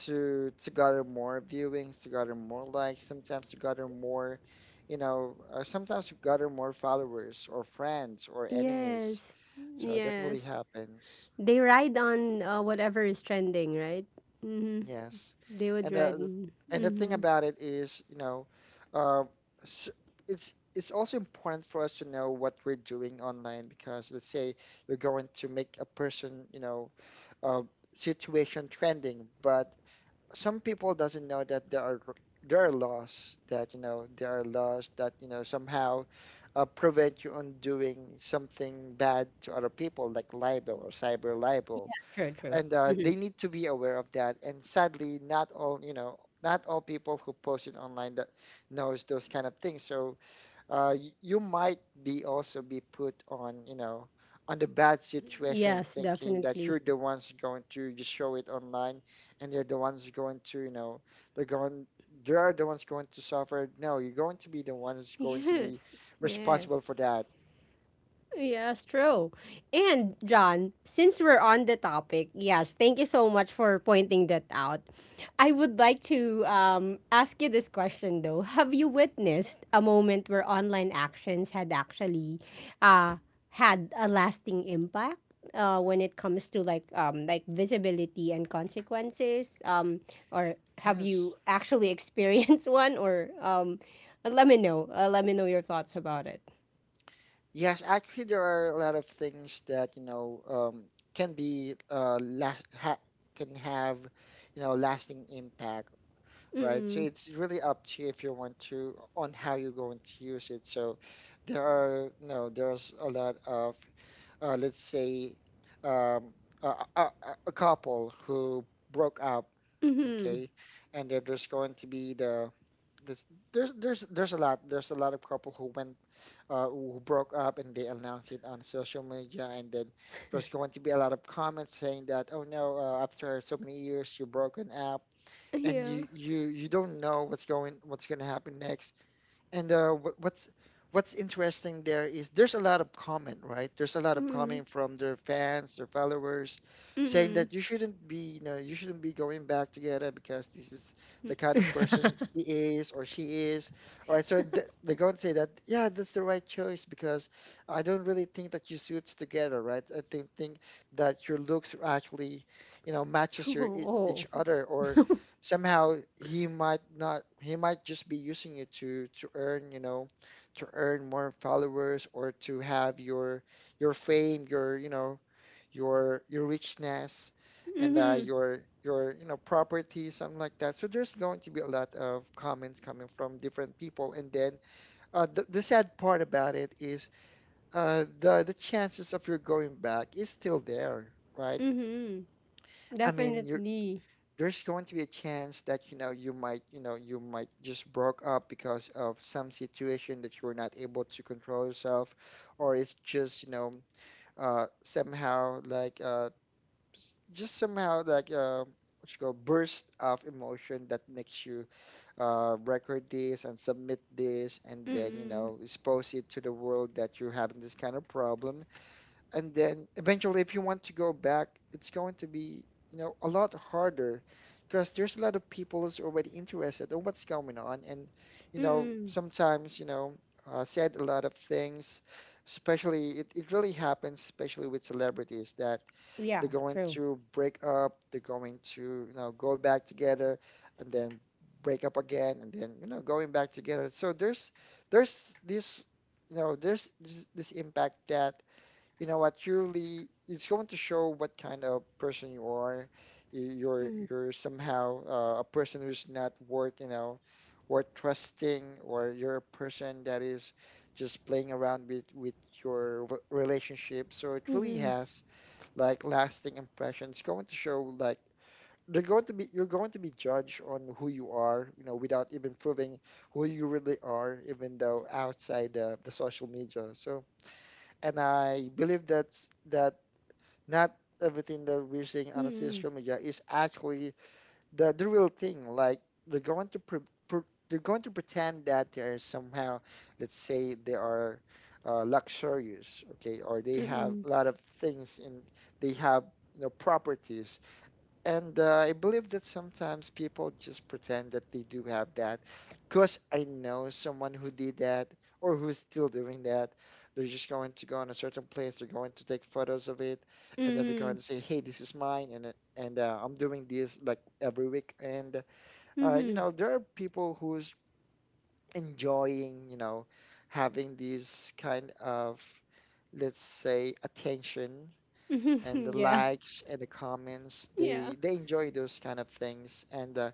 [SPEAKER 2] to gather more viewings, to gather more likes. Sometimes to gather more, you know, sometimes to gather more followers or friends or enemies.
[SPEAKER 1] Yes.
[SPEAKER 2] So that really
[SPEAKER 1] Yes.
[SPEAKER 2] happens.
[SPEAKER 1] They ride on whatever is trending, right? Mm-hmm.
[SPEAKER 2] Yes,
[SPEAKER 1] They would
[SPEAKER 2] and
[SPEAKER 1] ride.
[SPEAKER 2] the the- and the thing
[SPEAKER 1] Mm-hmm.
[SPEAKER 2] about it is, you know, uh, s- it's also important for us to know what we're doing online, because let's say we're going to make a person, you know, uh, situation trending, but some people doesn't know that there are laws that you know, there are laws that you know, somehow prevent you on doing something bad to other people like libel or cyber libel,
[SPEAKER 1] True. True.
[SPEAKER 2] and
[SPEAKER 1] Mm-hmm.
[SPEAKER 2] they need to be aware of that. And sadly, not all, you know, not all people who post it online that knows those kind of things. So you might be also be put on you know on the bad situation,
[SPEAKER 1] Yes,
[SPEAKER 2] thinking that
[SPEAKER 1] definitely.
[SPEAKER 2] you're the ones going to just show it online, and they're the ones going to you know they're going. They are the ones going to suffer. No, you're going to be the ones going to be
[SPEAKER 1] Yes. Yeah.
[SPEAKER 2] responsible for that.
[SPEAKER 1] Yes, true. And John, since we're on the topic, yes, thank you so much for pointing that out. I would like to ask you this question though. Have you witnessed a moment where online actions had actually uh, had a lasting impact when it comes to like visibility and consequences? Or have
[SPEAKER 2] Yes.
[SPEAKER 1] you actually experienced one? Or let me know. Let me know your thoughts about it.
[SPEAKER 2] Yes, actually, there are a lot of things that, you know, can be last ha can have, you know, lasting impact, right? So
[SPEAKER 1] Mm-mm.
[SPEAKER 2] it's really up to you if you want to, on how you're going to use it. So there are, you know, there's a lot of, let's say, um, a, a, a a couple who broke up, okay, and then there's going to be this, there's a lot, of couple who went who broke up and they announced it on social media. And then there's going to be a lot of comments saying that, oh no, after so many years, you're broken up and
[SPEAKER 1] Yeah.
[SPEAKER 2] you don't know what's going to happen next. And what's interesting there is there's a lot of comment, right? There's a lot of
[SPEAKER 1] Mm.
[SPEAKER 2] comment from their fans, their followers, saying
[SPEAKER 1] Mm.
[SPEAKER 2] that you shouldn't be, you know, you shouldn't be going back together because this is the kind of person he is or she is. All right, so th they're going to say that, yeah, that's the right choice because I don't really think that you suits together, right? I think that your looks actually, you know, matches your each
[SPEAKER 1] Oh.
[SPEAKER 2] other, or somehow he might not he might just be using it to earn, you know, to earn more followers, or to have your fame, your you know, your richness, and
[SPEAKER 1] Mhm.
[SPEAKER 2] your you know property, something like that. So there's going to be a lot of comments coming from different people. And then the sad part about it is the chances of your going back is still there, right?
[SPEAKER 1] Mhm.
[SPEAKER 2] I mean, you're
[SPEAKER 1] Definitely.
[SPEAKER 2] there's going to be a chance that, you know, you might, you know, you might just broke up because of some situation that you were not able to control yourself, or it's just you know, somehow like just somehow like what you call burst of emotion that makes you record this and submit this, and then you
[SPEAKER 1] Mm.
[SPEAKER 2] know expose it to the world that you're having this kind of problem. And then eventually, if you want to go back, it's going to be, you know, a lot harder, because there's a lot of people who's already interested in what's going on. And you know
[SPEAKER 1] Mm.
[SPEAKER 2] sometimes you know said a lot of things, especially it really happens, especially with celebrities, that
[SPEAKER 1] Yeah,
[SPEAKER 2] they're going
[SPEAKER 1] true.
[SPEAKER 2] to break up, they're going to you know go back together, and then break up again, and then you know going back together. So there's this you know there's this impact that, you know, what you really it's going to show what kind of person you are. You're
[SPEAKER 1] Mhm.
[SPEAKER 2] you're somehow a person who's not worth, you know, worth trusting, or you're a person that is just playing around with your relationship. So it really
[SPEAKER 1] Mhm.
[SPEAKER 2] has like lasting impressions. It's going to show like they're going to be you're going to be judged on who you are, you know, without even proving who you really are, even though outside the social media. So and I believe that's that not everything that we're seeing on the
[SPEAKER 1] Mhm.
[SPEAKER 2] social media is actually the real thing. Like they're going to pre- they're going to pretend that they're somehow, let's say, they are luxurious, okay, or they have
[SPEAKER 1] Mhm.
[SPEAKER 2] a lot of things in they have you know properties. And I believe that sometimes people just pretend that they do have that, because I know someone who did that, or who's still doing that. They're just going to go on a certain place, they're going to take photos of it, and then they're going
[SPEAKER 1] Mhm.
[SPEAKER 2] to say, hey, this is mine. And I'm doing this like every week. And you
[SPEAKER 1] Mhm.
[SPEAKER 2] know, there are people who's enjoying, you know, having this kind of, let's say, attention,
[SPEAKER 1] Mhm.
[SPEAKER 2] and the
[SPEAKER 1] Yeah.
[SPEAKER 2] likes and the comments.
[SPEAKER 1] Yeah.
[SPEAKER 2] They enjoy those kind of things. And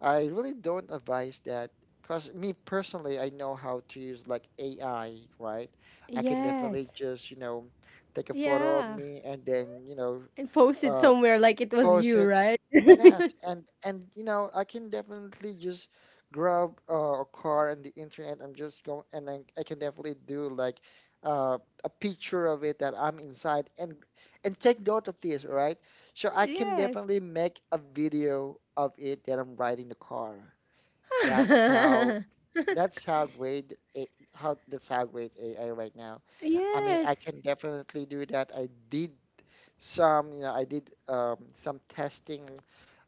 [SPEAKER 2] I really don't advise that. Cause me personally, I know how to use like AI, right? I can definitely
[SPEAKER 1] Yes.
[SPEAKER 2] just, you know, take a photo of
[SPEAKER 1] Yeah.
[SPEAKER 2] me, and then you know
[SPEAKER 1] And post it
[SPEAKER 2] uh,
[SPEAKER 1] somewhere like it was
[SPEAKER 2] post
[SPEAKER 1] you,
[SPEAKER 2] it.
[SPEAKER 1] right?
[SPEAKER 2] Yes, and you know, I can definitely just grab a car on the internet. I'm just going, and I can definitely do like uh, a picture of it that I'm inside, and take note of this, right? So I can
[SPEAKER 1] Yes.
[SPEAKER 2] definitely make a video of it that I'm riding the car. That's how. That's how great AI right now. I mean, I
[SPEAKER 1] Yes.
[SPEAKER 2] can definitely do that. I did some you know I did some testing,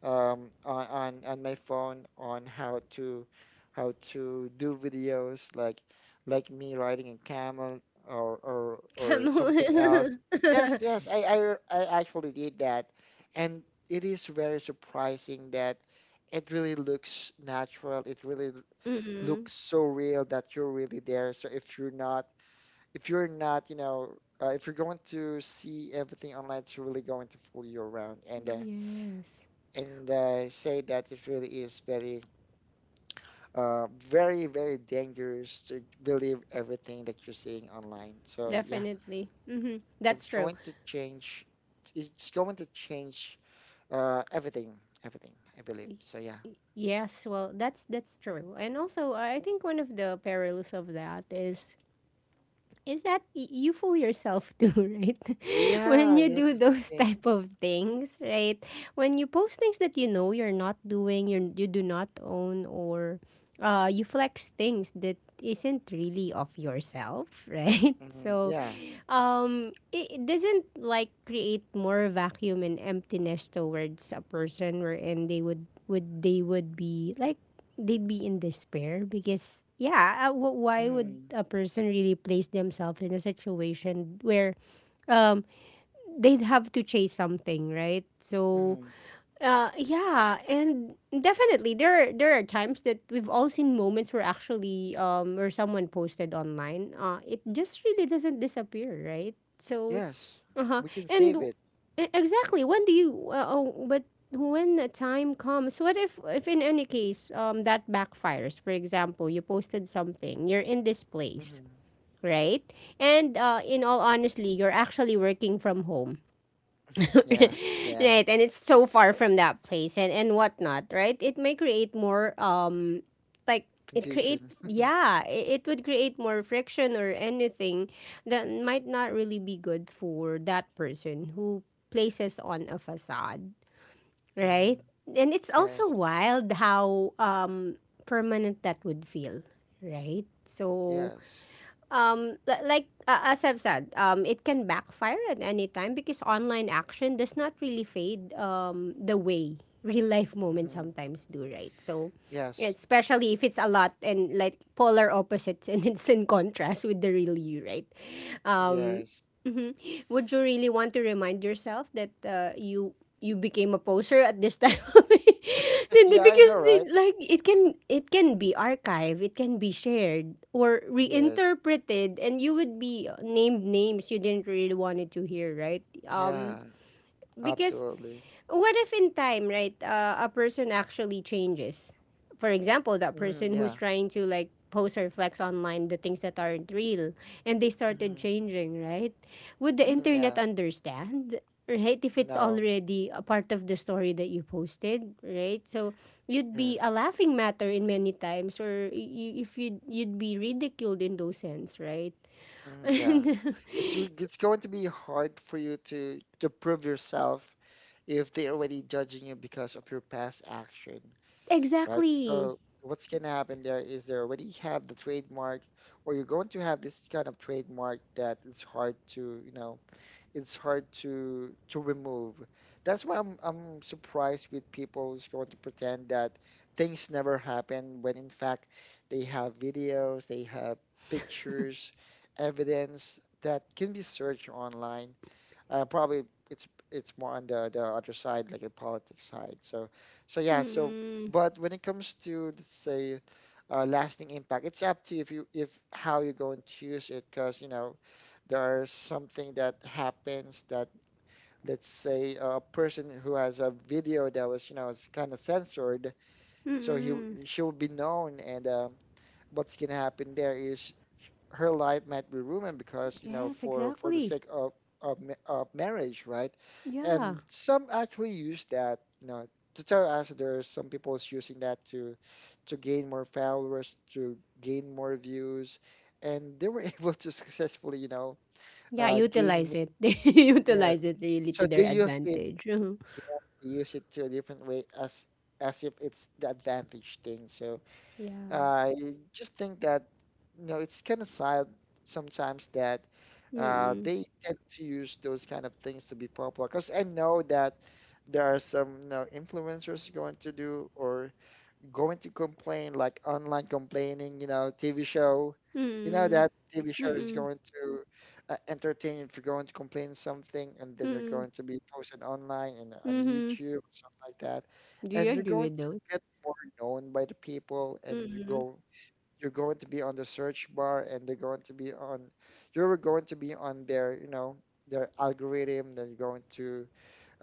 [SPEAKER 2] on, on my phone on how to do videos like me riding a camel, or or something else.
[SPEAKER 1] Camel.
[SPEAKER 2] Yes, yes, I actually did that. And it is very surprising that it really looks natural. It really
[SPEAKER 1] Mm-mm.
[SPEAKER 2] looks so real that you're really there. So if you're not, if you're not, you know, if you're going to see everything online, it's really going to fool you around. And
[SPEAKER 1] Yes.
[SPEAKER 2] say that it really is very, very, very dangerous to believe everything that you're seeing online. So yeah,
[SPEAKER 1] Definitely. Hmm. That's
[SPEAKER 2] it's
[SPEAKER 1] true.
[SPEAKER 2] going to change. It's going to change everything, everything. I believe.
[SPEAKER 1] Y-
[SPEAKER 2] So yeah,
[SPEAKER 1] Yes, well, that's true. And also, I think one of the perils of that is that you fool yourself too, right. When
[SPEAKER 2] yeah,
[SPEAKER 1] you
[SPEAKER 2] yeah.
[SPEAKER 1] do
[SPEAKER 2] That's the
[SPEAKER 1] those
[SPEAKER 2] thing.
[SPEAKER 1] type of things, right? When you post things that you know you're not doing, you do not own, or you flex things that isn't really of yourself, right?
[SPEAKER 2] Hmm.
[SPEAKER 1] So
[SPEAKER 2] Yeah.
[SPEAKER 1] it, it doesn't like create more vacuum and emptiness towards a person, wherein they would be like, they'd be in despair. Because yeah, why would
[SPEAKER 2] Hmm.
[SPEAKER 1] a person really place themselves in a situation where um they'd have to chase something, right? So
[SPEAKER 2] Hmm.
[SPEAKER 1] yeah, and definitely there are times that we've all seen moments where actually where someone posted online it just really doesn't disappear, right? So
[SPEAKER 2] Yes,
[SPEAKER 1] uh-huh.
[SPEAKER 2] we can
[SPEAKER 1] And
[SPEAKER 2] save it.
[SPEAKER 1] exactly, when do you oh, but when the time comes, what if in any case that backfires? For example, you posted something, you're in this place,
[SPEAKER 2] Hmm.
[SPEAKER 1] right? And in all honestly, you're actually working from home.
[SPEAKER 2] Yeah, yeah.
[SPEAKER 1] Right? And it's so far from that place, and whatnot, right? It may create more like it create
[SPEAKER 2] Confusion.
[SPEAKER 1] yeah, it would create more friction or anything that might not really be good for that person who places on a facade,
[SPEAKER 2] Mm-hmm.
[SPEAKER 1] right? And it's also
[SPEAKER 2] Yes.
[SPEAKER 1] wild how permanent that would feel, right? So
[SPEAKER 2] Yes.
[SPEAKER 1] like as I've said, it can backfire at any time because online action does not really fade the way real life moments
[SPEAKER 2] Mm-hmm.
[SPEAKER 1] sometimes do, right? So yeah,
[SPEAKER 2] Yes.
[SPEAKER 1] especially if it's a lot and like polar opposites and it's in contrast with the real you, right?
[SPEAKER 2] Yes.
[SPEAKER 1] Mhm. Would you really want to remind yourself that you became a poser at this time? Then
[SPEAKER 2] Yeah, I
[SPEAKER 1] because
[SPEAKER 2] know,
[SPEAKER 1] they,
[SPEAKER 2] right?
[SPEAKER 1] like it can, it can be archived, it can be shared or
[SPEAKER 2] Yes.
[SPEAKER 1] reinterpreted, and you would be named names you didn't really wanted to hear, right? Um,
[SPEAKER 2] Yeah,
[SPEAKER 1] because
[SPEAKER 2] absolutely.
[SPEAKER 1] what if in time, right, a person actually changes? For example, that
[SPEAKER 2] Mm-hmm.
[SPEAKER 1] person who's
[SPEAKER 2] Yeah.
[SPEAKER 1] trying to like post or flex online the things that aren't real and they started
[SPEAKER 2] Mm-hmm.
[SPEAKER 1] changing, right? Would the
[SPEAKER 2] Mm-hmm.
[SPEAKER 1] internet
[SPEAKER 2] Yeah.
[SPEAKER 1] understand? Right, if it's
[SPEAKER 2] No.
[SPEAKER 1] already a part of the story that you posted, right? So you'd be a
[SPEAKER 2] Yes.
[SPEAKER 1] laughing matter in many times, or you, if you'd be ridiculed in those sense, right?
[SPEAKER 2] Mm-hmm. Yeah. It's you. It's going to be hard for you to prove yourself if they're already judging you because of your past action, right?
[SPEAKER 1] Exactly.
[SPEAKER 2] So what's gonna happen there is they already have the trademark, or you're going to have this kind of trademark that it's hard to, you know, it's hard to remove. That's why I'm surprised with people who's going to pretend that things never happen, when in fact they have videos, they have pictures, evidence that can be searched online. Probably it's it's more on the other side, like the politics side. So so yeah. So
[SPEAKER 1] Mm-mm.
[SPEAKER 2] but when it comes to, let's say, lasting impact, it's up to you if how you're going to use it, because you know there is something that happens that, let's say, a person who has a video that was you know is kind of censored, so he
[SPEAKER 1] Mm-mm.
[SPEAKER 2] she will be known. And what's gonna happen there is her life might be ruined, because you know
[SPEAKER 1] Yes,
[SPEAKER 2] for the
[SPEAKER 1] exactly.
[SPEAKER 2] sake of, of marriage, right?
[SPEAKER 1] Yeah.
[SPEAKER 2] And some actually use that, you know, to tell us that there are some people is using that to gain more followers, to gain more views, and they were able to successfully you know
[SPEAKER 1] Yeah,
[SPEAKER 2] gain
[SPEAKER 1] utilize it. They
[SPEAKER 2] millions. Yes,
[SPEAKER 1] utilize it really to
[SPEAKER 2] so
[SPEAKER 1] their
[SPEAKER 2] they use it.
[SPEAKER 1] advantage. Mhm.
[SPEAKER 2] Yeah, they use it to a different way, as if it's the advantage thing. So
[SPEAKER 1] Yeah.
[SPEAKER 2] I just think that you know it's kind of sad sometimes that
[SPEAKER 1] Mm-mm.
[SPEAKER 2] they tend to use those kind of things to be popular. Because I know that there are some you know influencers going to do, or going to complain, like online complaining, you know, TV show. You know
[SPEAKER 1] Mm-mm.
[SPEAKER 2] that TV show is
[SPEAKER 1] Mm-mm.
[SPEAKER 2] going to entertain if you're going to complain something, and then you're
[SPEAKER 1] Mm-mm.
[SPEAKER 2] going to be posted online, and on
[SPEAKER 1] Mm-hmm.
[SPEAKER 2] YouTube, something like that,
[SPEAKER 1] Do you
[SPEAKER 2] and you're
[SPEAKER 1] agree
[SPEAKER 2] going
[SPEAKER 1] with
[SPEAKER 2] to
[SPEAKER 1] those?
[SPEAKER 2] get more known by the people, and you
[SPEAKER 1] Mm-mm.
[SPEAKER 2] go, you're going to be on the search bar, and they're going to be on, you're going to be on their, you know, their algorithm. Then you're going to,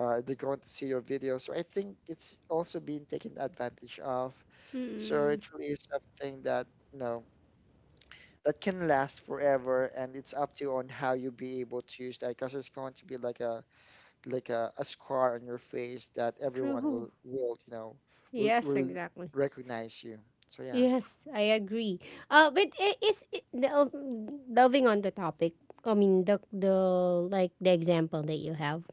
[SPEAKER 2] they're going to see your video. So I think it's also being taken advantage of. So
[SPEAKER 1] Mm-mm.
[SPEAKER 2] it really is something that, you know, that can last forever, and it's up to you on how you be able to use that, because it's going to be like a scar on your face that everyone
[SPEAKER 1] True.
[SPEAKER 2] will you know
[SPEAKER 1] Yes,
[SPEAKER 2] will
[SPEAKER 1] exactly.
[SPEAKER 2] recognize you. So yeah.
[SPEAKER 1] Yes, I agree. But delving on the topic, I mean the example that you have.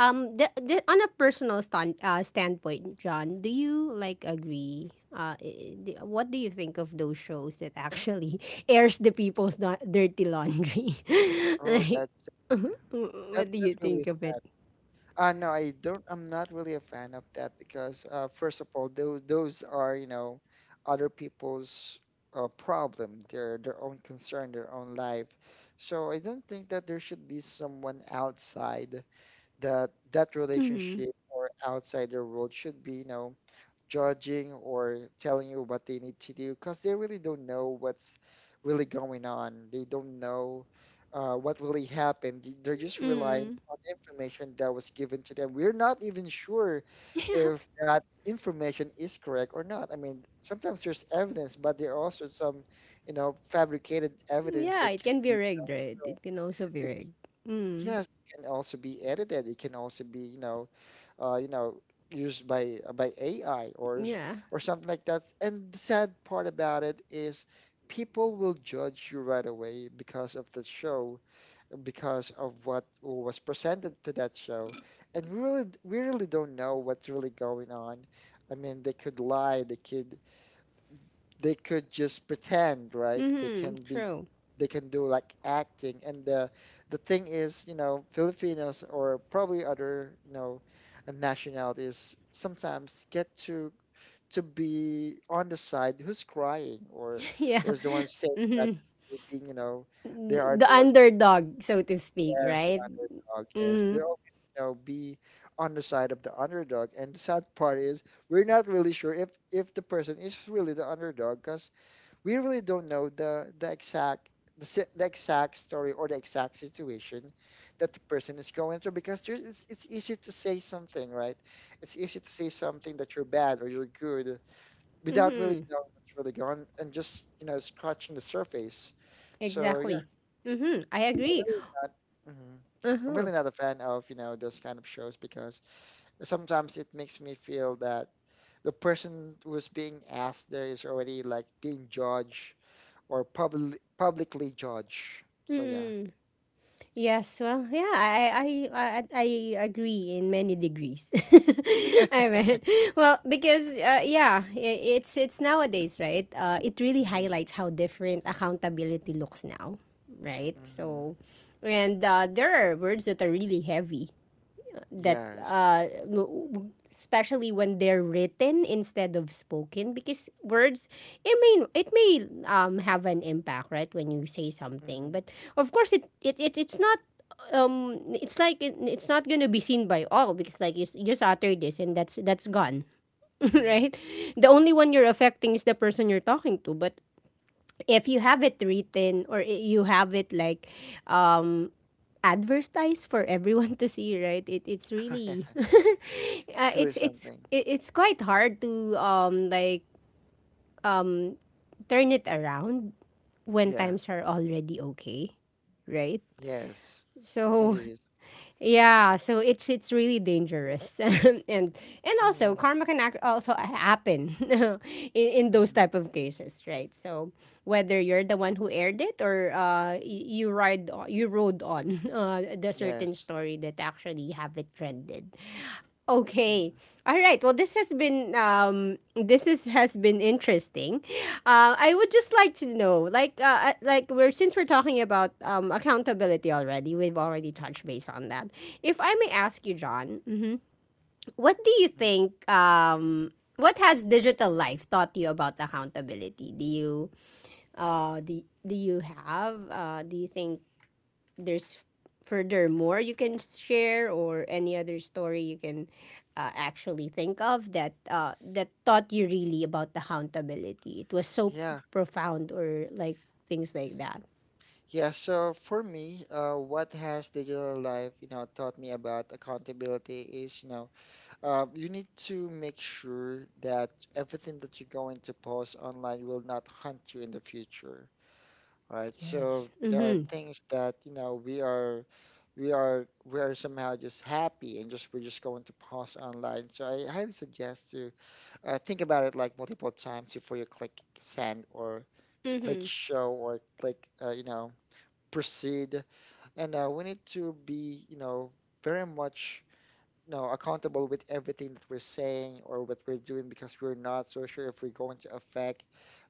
[SPEAKER 1] The, on a personal stand, standpoint, John, do you like agree? What do you think of those shows that actually airs the people's dirty laundry?
[SPEAKER 2] Oh,
[SPEAKER 1] Like,
[SPEAKER 2] that's that
[SPEAKER 1] what do
[SPEAKER 2] that
[SPEAKER 1] you
[SPEAKER 2] really
[SPEAKER 1] think
[SPEAKER 2] is
[SPEAKER 1] of it?
[SPEAKER 2] sad. No, I don't. I'm not really a fan of that because, first of all, those are, you know, other people's problem, their own concern, their own life. So I don't think that there should be someone outside that that
[SPEAKER 1] Mm.
[SPEAKER 2] relationship, or outside their world, should be, you know, judging or telling you what they need to do, because they really don't know what's really going on. They don't know what really happened. They- They're just relying
[SPEAKER 1] Mm.
[SPEAKER 2] on information that was given to them. We're not even sure if that information is correct or not. I mean, sometimes there's evidence, but there are also some, you know, fabricated evidence
[SPEAKER 1] Yeah,
[SPEAKER 2] that
[SPEAKER 1] it
[SPEAKER 2] can
[SPEAKER 1] can be
[SPEAKER 2] be.
[SPEAKER 1] rigged, right? It can also be rigged. Mm.
[SPEAKER 2] Yes, it can also be edited. It can also be, you know, uh, you know, used by AI or
[SPEAKER 1] Yeah.
[SPEAKER 2] or something like that. And the sad part about it is people will judge you right away because of the show, because of what was presented to that show. And we really don't know what's really going on. I mean, they could lie, they could just pretend, right? They
[SPEAKER 1] Mm-hmm.
[SPEAKER 2] can be,
[SPEAKER 1] True.
[SPEAKER 2] they can do like acting. And the thing is, you know, Filipinos, or probably other, you know, nationalities, sometimes get to be on the side who's crying, or
[SPEAKER 1] Yeah.
[SPEAKER 2] who's the one saying that
[SPEAKER 1] Mm-hmm.
[SPEAKER 2] you're being, you know, they are
[SPEAKER 1] The
[SPEAKER 2] the ones.
[SPEAKER 1] underdog, so to speak,
[SPEAKER 2] Yes, the
[SPEAKER 1] right?
[SPEAKER 2] underdog. Yes,
[SPEAKER 1] Mm-hmm.
[SPEAKER 2] they're always, you know, be on the side of the underdog. And the sad part is we're not really sure if the person is really the underdog, because we really don't know the exact the exact story, or the exact situation that the person is going through, because there's, it's easy to say something, right? It's easy to say something that you're bad or you're good without really
[SPEAKER 1] Mm-hmm.
[SPEAKER 2] knowing what's really going on, and just you know scratching the surface. So yeah.
[SPEAKER 1] Exactly. Mm-hmm. I
[SPEAKER 2] I'm
[SPEAKER 1] agree.
[SPEAKER 2] really not, hmm, I'm
[SPEAKER 1] Uh-huh.
[SPEAKER 2] really not a fan of you know those kind of shows, because sometimes it makes me feel that the person who's being asked there is already like being judged, or publicly judge. So yeah.
[SPEAKER 1] Mm-mm. Yes. Well, yeah. I agree in many degrees. I mean, well, because yeah, it's nowadays, right? It really
[SPEAKER 2] Hmm.
[SPEAKER 1] highlights how different accountability looks now, right?
[SPEAKER 2] Hmm.
[SPEAKER 1] So, and there are words that are really heavy, that
[SPEAKER 2] Yes.
[SPEAKER 1] especially when they're written instead of spoken, because words, it may, it may have an impact, right, when you say something.
[SPEAKER 2] Hmm.
[SPEAKER 1] But of course it, it, it it's not it's like it, it's not gonna be seen by all because like you just utter this and that's gone,
[SPEAKER 2] Hmm.
[SPEAKER 1] right? The only one you're affecting is the person you're talking to. But if you have it written, or you have it like um advertised for everyone to see, right? It, it's
[SPEAKER 2] Yeah.
[SPEAKER 1] really
[SPEAKER 2] Truly something.
[SPEAKER 1] it's quite hard to um turn it around when
[SPEAKER 2] Yeah.
[SPEAKER 1] times are already okay, right?
[SPEAKER 2] Yes. It
[SPEAKER 1] So
[SPEAKER 2] is.
[SPEAKER 1] yeah, so it's really dangerous, and also
[SPEAKER 2] Mm-hmm.
[SPEAKER 1] karma can act also happen in those
[SPEAKER 2] Mm-hmm.
[SPEAKER 1] type of cases, right? So whether you're the one who aired it or you you rode on the certain
[SPEAKER 2] Yes.
[SPEAKER 1] story that actually have it trended, okay.
[SPEAKER 2] Mm-hmm.
[SPEAKER 1] All right. Well, this has been this is has been interesting. I would just like to know, like we're since we're talking about accountability already, we've already touched base on that. If I may ask you, John, mhm, what do you think what has digital life taught you about accountability? Do you uh do, do you have do you think there's furthermore you can share or any other story you can actually think of that that taught you really about accountability, it was so
[SPEAKER 2] Yeah.
[SPEAKER 1] profound or like things like that.
[SPEAKER 2] Yeah. So for me, what has digital life, you know, taught me about accountability is, you know, you need to make sure that everything that you're going to post online will not hunt you in the future. Right?
[SPEAKER 1] Yes.
[SPEAKER 2] So there are
[SPEAKER 1] Mm-hmm.
[SPEAKER 2] things that, you know, we are somehow just happy, and just we're just going to pause online. So I highly suggest to think about it like multiple times before you click send, or click
[SPEAKER 1] Mm-hmm.
[SPEAKER 2] show, or click you know proceed. And we need to be very much, you know, accountable with everything that we're saying or what we're doing, because we're not so sure if we're going to affect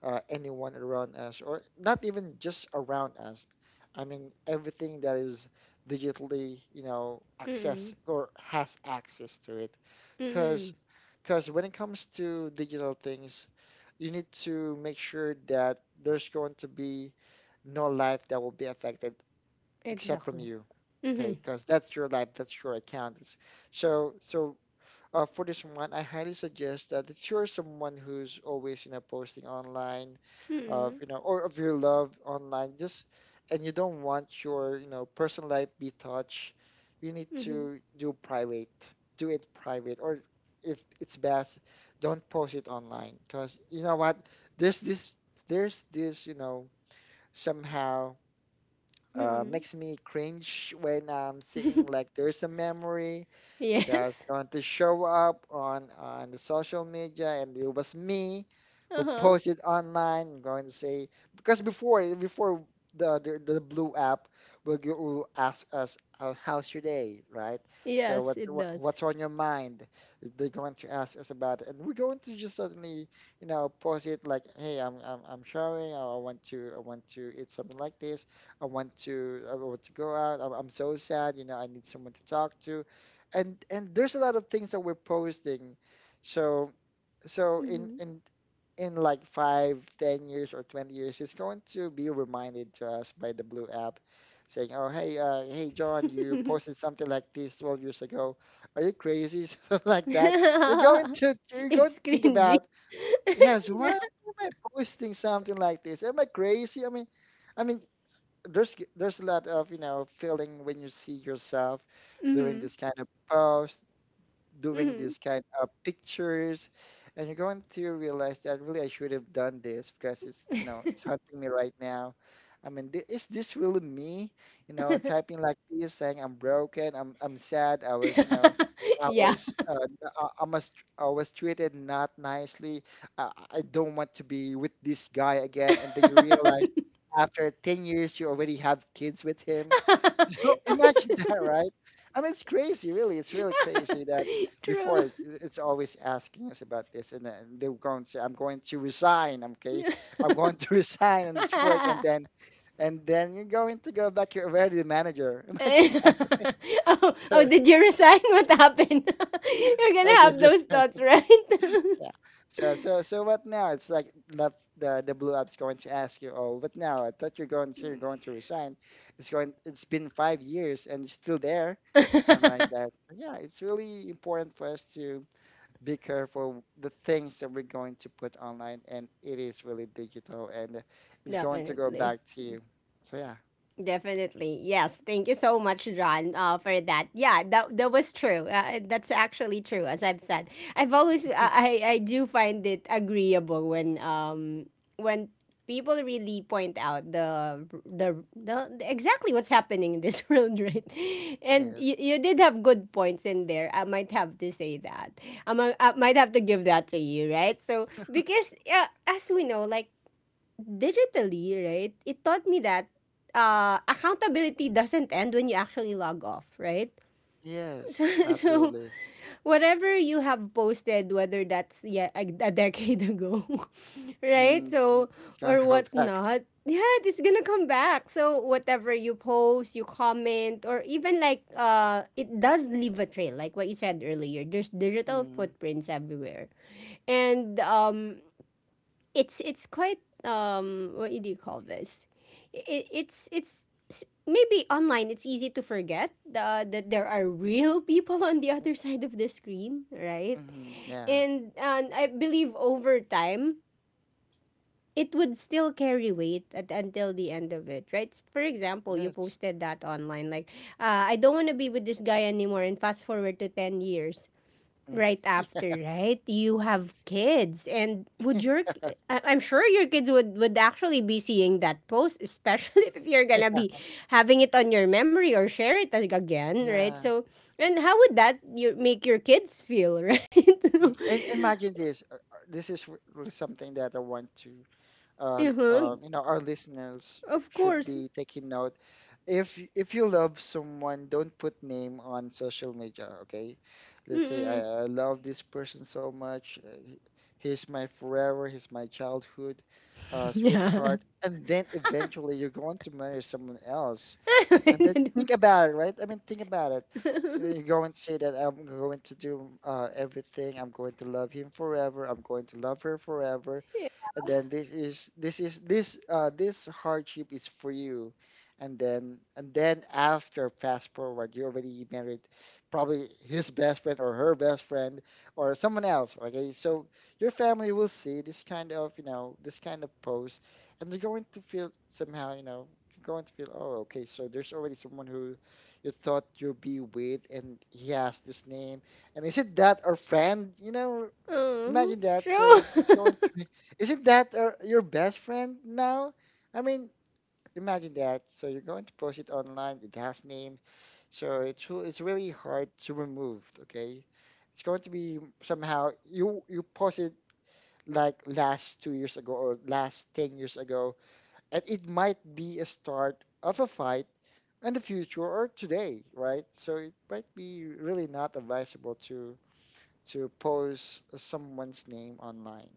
[SPEAKER 2] anyone around us, or not even just around us. I mean, everything that is digitally, you know,
[SPEAKER 1] Mm-hmm.
[SPEAKER 2] access or has access to it.
[SPEAKER 1] Mm-hmm.
[SPEAKER 2] Because because when it comes to digital things, you need to make sure that there's going to be no life that will be affected except from
[SPEAKER 1] Exactly.
[SPEAKER 2] you. Okay,
[SPEAKER 1] Mm-hmm.
[SPEAKER 2] because that's your life, that's your account. It's- So for this one, I highly suggest that if you're someone who's always, you know, posting online of,
[SPEAKER 1] Mm-hmm.
[SPEAKER 2] you know, or of your love online, just and you don't want your, you know, personal life be touched, you need
[SPEAKER 1] Mm-hmm.
[SPEAKER 2] to do private. Do it private, or if it's best, don't post it online. Because you know what, there's this there's this, you know, somehow
[SPEAKER 1] Mm-hmm.
[SPEAKER 2] makes me cringe when I'm seeing like there's a memory that's
[SPEAKER 1] Yes.
[SPEAKER 2] going to show up on the social media, and it was me who
[SPEAKER 1] Uh-huh.
[SPEAKER 2] posted online, I'm going to say. Because before the blue app will, will ask us, how's your day, right? So
[SPEAKER 1] Yes,
[SPEAKER 2] what's
[SPEAKER 1] it
[SPEAKER 2] what,
[SPEAKER 1] does.
[SPEAKER 2] what's on your mind. They're going to ask us about it, and we're going to just suddenly, you know, post it like, hey, I'm showering, I want to eat something like this, I want to go out, I'm so sad, you know, I need someone to talk to. And there's a lot of things that we're posting. So so in
[SPEAKER 1] Mm-hmm.
[SPEAKER 2] in in like 5, 10 years or 20 years, it's going to be reminded to us by the blue app, saying, oh hey, hey John, you posted something like this 12 years ago. Are you crazy? Something like that. You're going
[SPEAKER 1] It's
[SPEAKER 2] to think
[SPEAKER 1] cringy.
[SPEAKER 2] about, yes, why am I posting something like this? Am I crazy? I mean, there's a lot of, you know, feeling when you see yourself doing
[SPEAKER 1] Mm-hmm.
[SPEAKER 2] this kind of post, doing
[SPEAKER 1] Hmm.
[SPEAKER 2] this kind of pictures. And you're going to realize that really I should have done this, because it's, you know, it's haunting me right now. I mean, is this really me? You know, typing like this, saying I'm broken, I'm sad. I was, you know, I
[SPEAKER 1] Yeah.
[SPEAKER 2] was I was treated not nicely. I don't want to be with this guy again. And then you realize after 10 years you already have kids with him. Imagine that, right? I mean, it's crazy, really. It's really crazy that before
[SPEAKER 1] True.
[SPEAKER 2] it's always asking us about this, and then they're going to say, "I'm going to resign." Okay, I'm going to resign on this work, and then, you're going to go back. You're already the manager. Imagine that.
[SPEAKER 1] Oh, oh,
[SPEAKER 2] So,
[SPEAKER 1] did you resign? What happened? You're
[SPEAKER 2] I
[SPEAKER 1] gonna
[SPEAKER 2] did
[SPEAKER 1] have those
[SPEAKER 2] just.
[SPEAKER 1] thoughts, right?
[SPEAKER 2] Yeah. So what now? It's like left the blue app's going to ask you, oh, what now? I thought you're going to say you're going to resign. It's going. It's been 5 years and you're still there, something like that. So yeah, it's really important for us to be careful the things that we're going to put online, and it is really digital, and it's going to go
[SPEAKER 1] Definitely.
[SPEAKER 2] back to you. So yeah.
[SPEAKER 1] Definitely. Yes. Thank you so much, John, for that. Yeah, that, that was true. That's actually true, as I've said. I've always, I do find it agreeable when, when people really point out the exactly what's happening in this world, right? And you,
[SPEAKER 2] Yes.
[SPEAKER 1] you did have good points in there. I might have to say that. I might have to give that to you, right? So, because as we know, like, digitally, right, it taught me that accountability doesn't end when you actually log off, right? So,
[SPEAKER 2] Yes.
[SPEAKER 1] so
[SPEAKER 2] Absolutely.
[SPEAKER 1] whatever you have posted, whether that's yeah a decade ago, right?
[SPEAKER 2] Mm, it's, gonna-
[SPEAKER 1] So
[SPEAKER 2] it's going
[SPEAKER 1] or
[SPEAKER 2] to go back.
[SPEAKER 1] whatnot, yeah, it's gonna come back. So whatever you post, you comment, or even like it does leave a trail, like what you said earlier. There's digital
[SPEAKER 2] Mm,
[SPEAKER 1] footprints everywhere, and it's quite um, what do you call this? It, it's s- Maybe online it's easy to forget that there are real people on the other side of the screen, right?
[SPEAKER 2] mhm, yeah.
[SPEAKER 1] And I believe over time it would still carry weight until the end of it, right? For example, you
[SPEAKER 2] Yes.
[SPEAKER 1] posted that online like, I don't want to be with this guy anymore, and fast forward to 10 years
[SPEAKER 2] Mm.
[SPEAKER 1] right after, right? You have kids, and would your— I'm sure your kids would actually be seeing that post, especially if you're gonna be having it on your memory or share it again, right?
[SPEAKER 2] Yeah.
[SPEAKER 1] So, and how would that you make your kids feel, right? So,
[SPEAKER 2] Mhm. And imagine this. This is really something that I want to,
[SPEAKER 1] uh-huh,
[SPEAKER 2] you know, our listeners
[SPEAKER 1] of
[SPEAKER 2] should
[SPEAKER 1] course.
[SPEAKER 2] be taking note. If you love someone, don't put name on social media. Okay, let's say I,
[SPEAKER 1] Mm-mm.
[SPEAKER 2] I love this person so much. He's my forever. He's my childhood,
[SPEAKER 1] Yeah.
[SPEAKER 2] sweetheart. And then eventually you're going to marry someone else. And then think about it, right? I mean, think about it. You're going to say that I'm going to do everything. I'm going to love him forever. I'm going to love her forever. And then this this hardship is for you. And then after fast forward, you already married probably his best friend or her best friend or someone else. Okay, so your family will see this kind of, you know, this kind of post, and they're going to feel somehow, you know, you're going to feel, oh okay, so there's already someone who you thought you'd be with, and he has this name. And is it that our friend, you know.
[SPEAKER 1] Uh-huh.
[SPEAKER 2] Imagine that.
[SPEAKER 1] Sure.
[SPEAKER 2] So it's going to be, isn't that your best friend now? I mean, imagine that. So you're going to post it online. It has name. So it's it's really hard to remove. Okay, it's going to be somehow you post it like last 2 years ago or last 10 years ago, and it might be a start of a fight in the future or today, right? So it might be really not advisable to post someone's name online.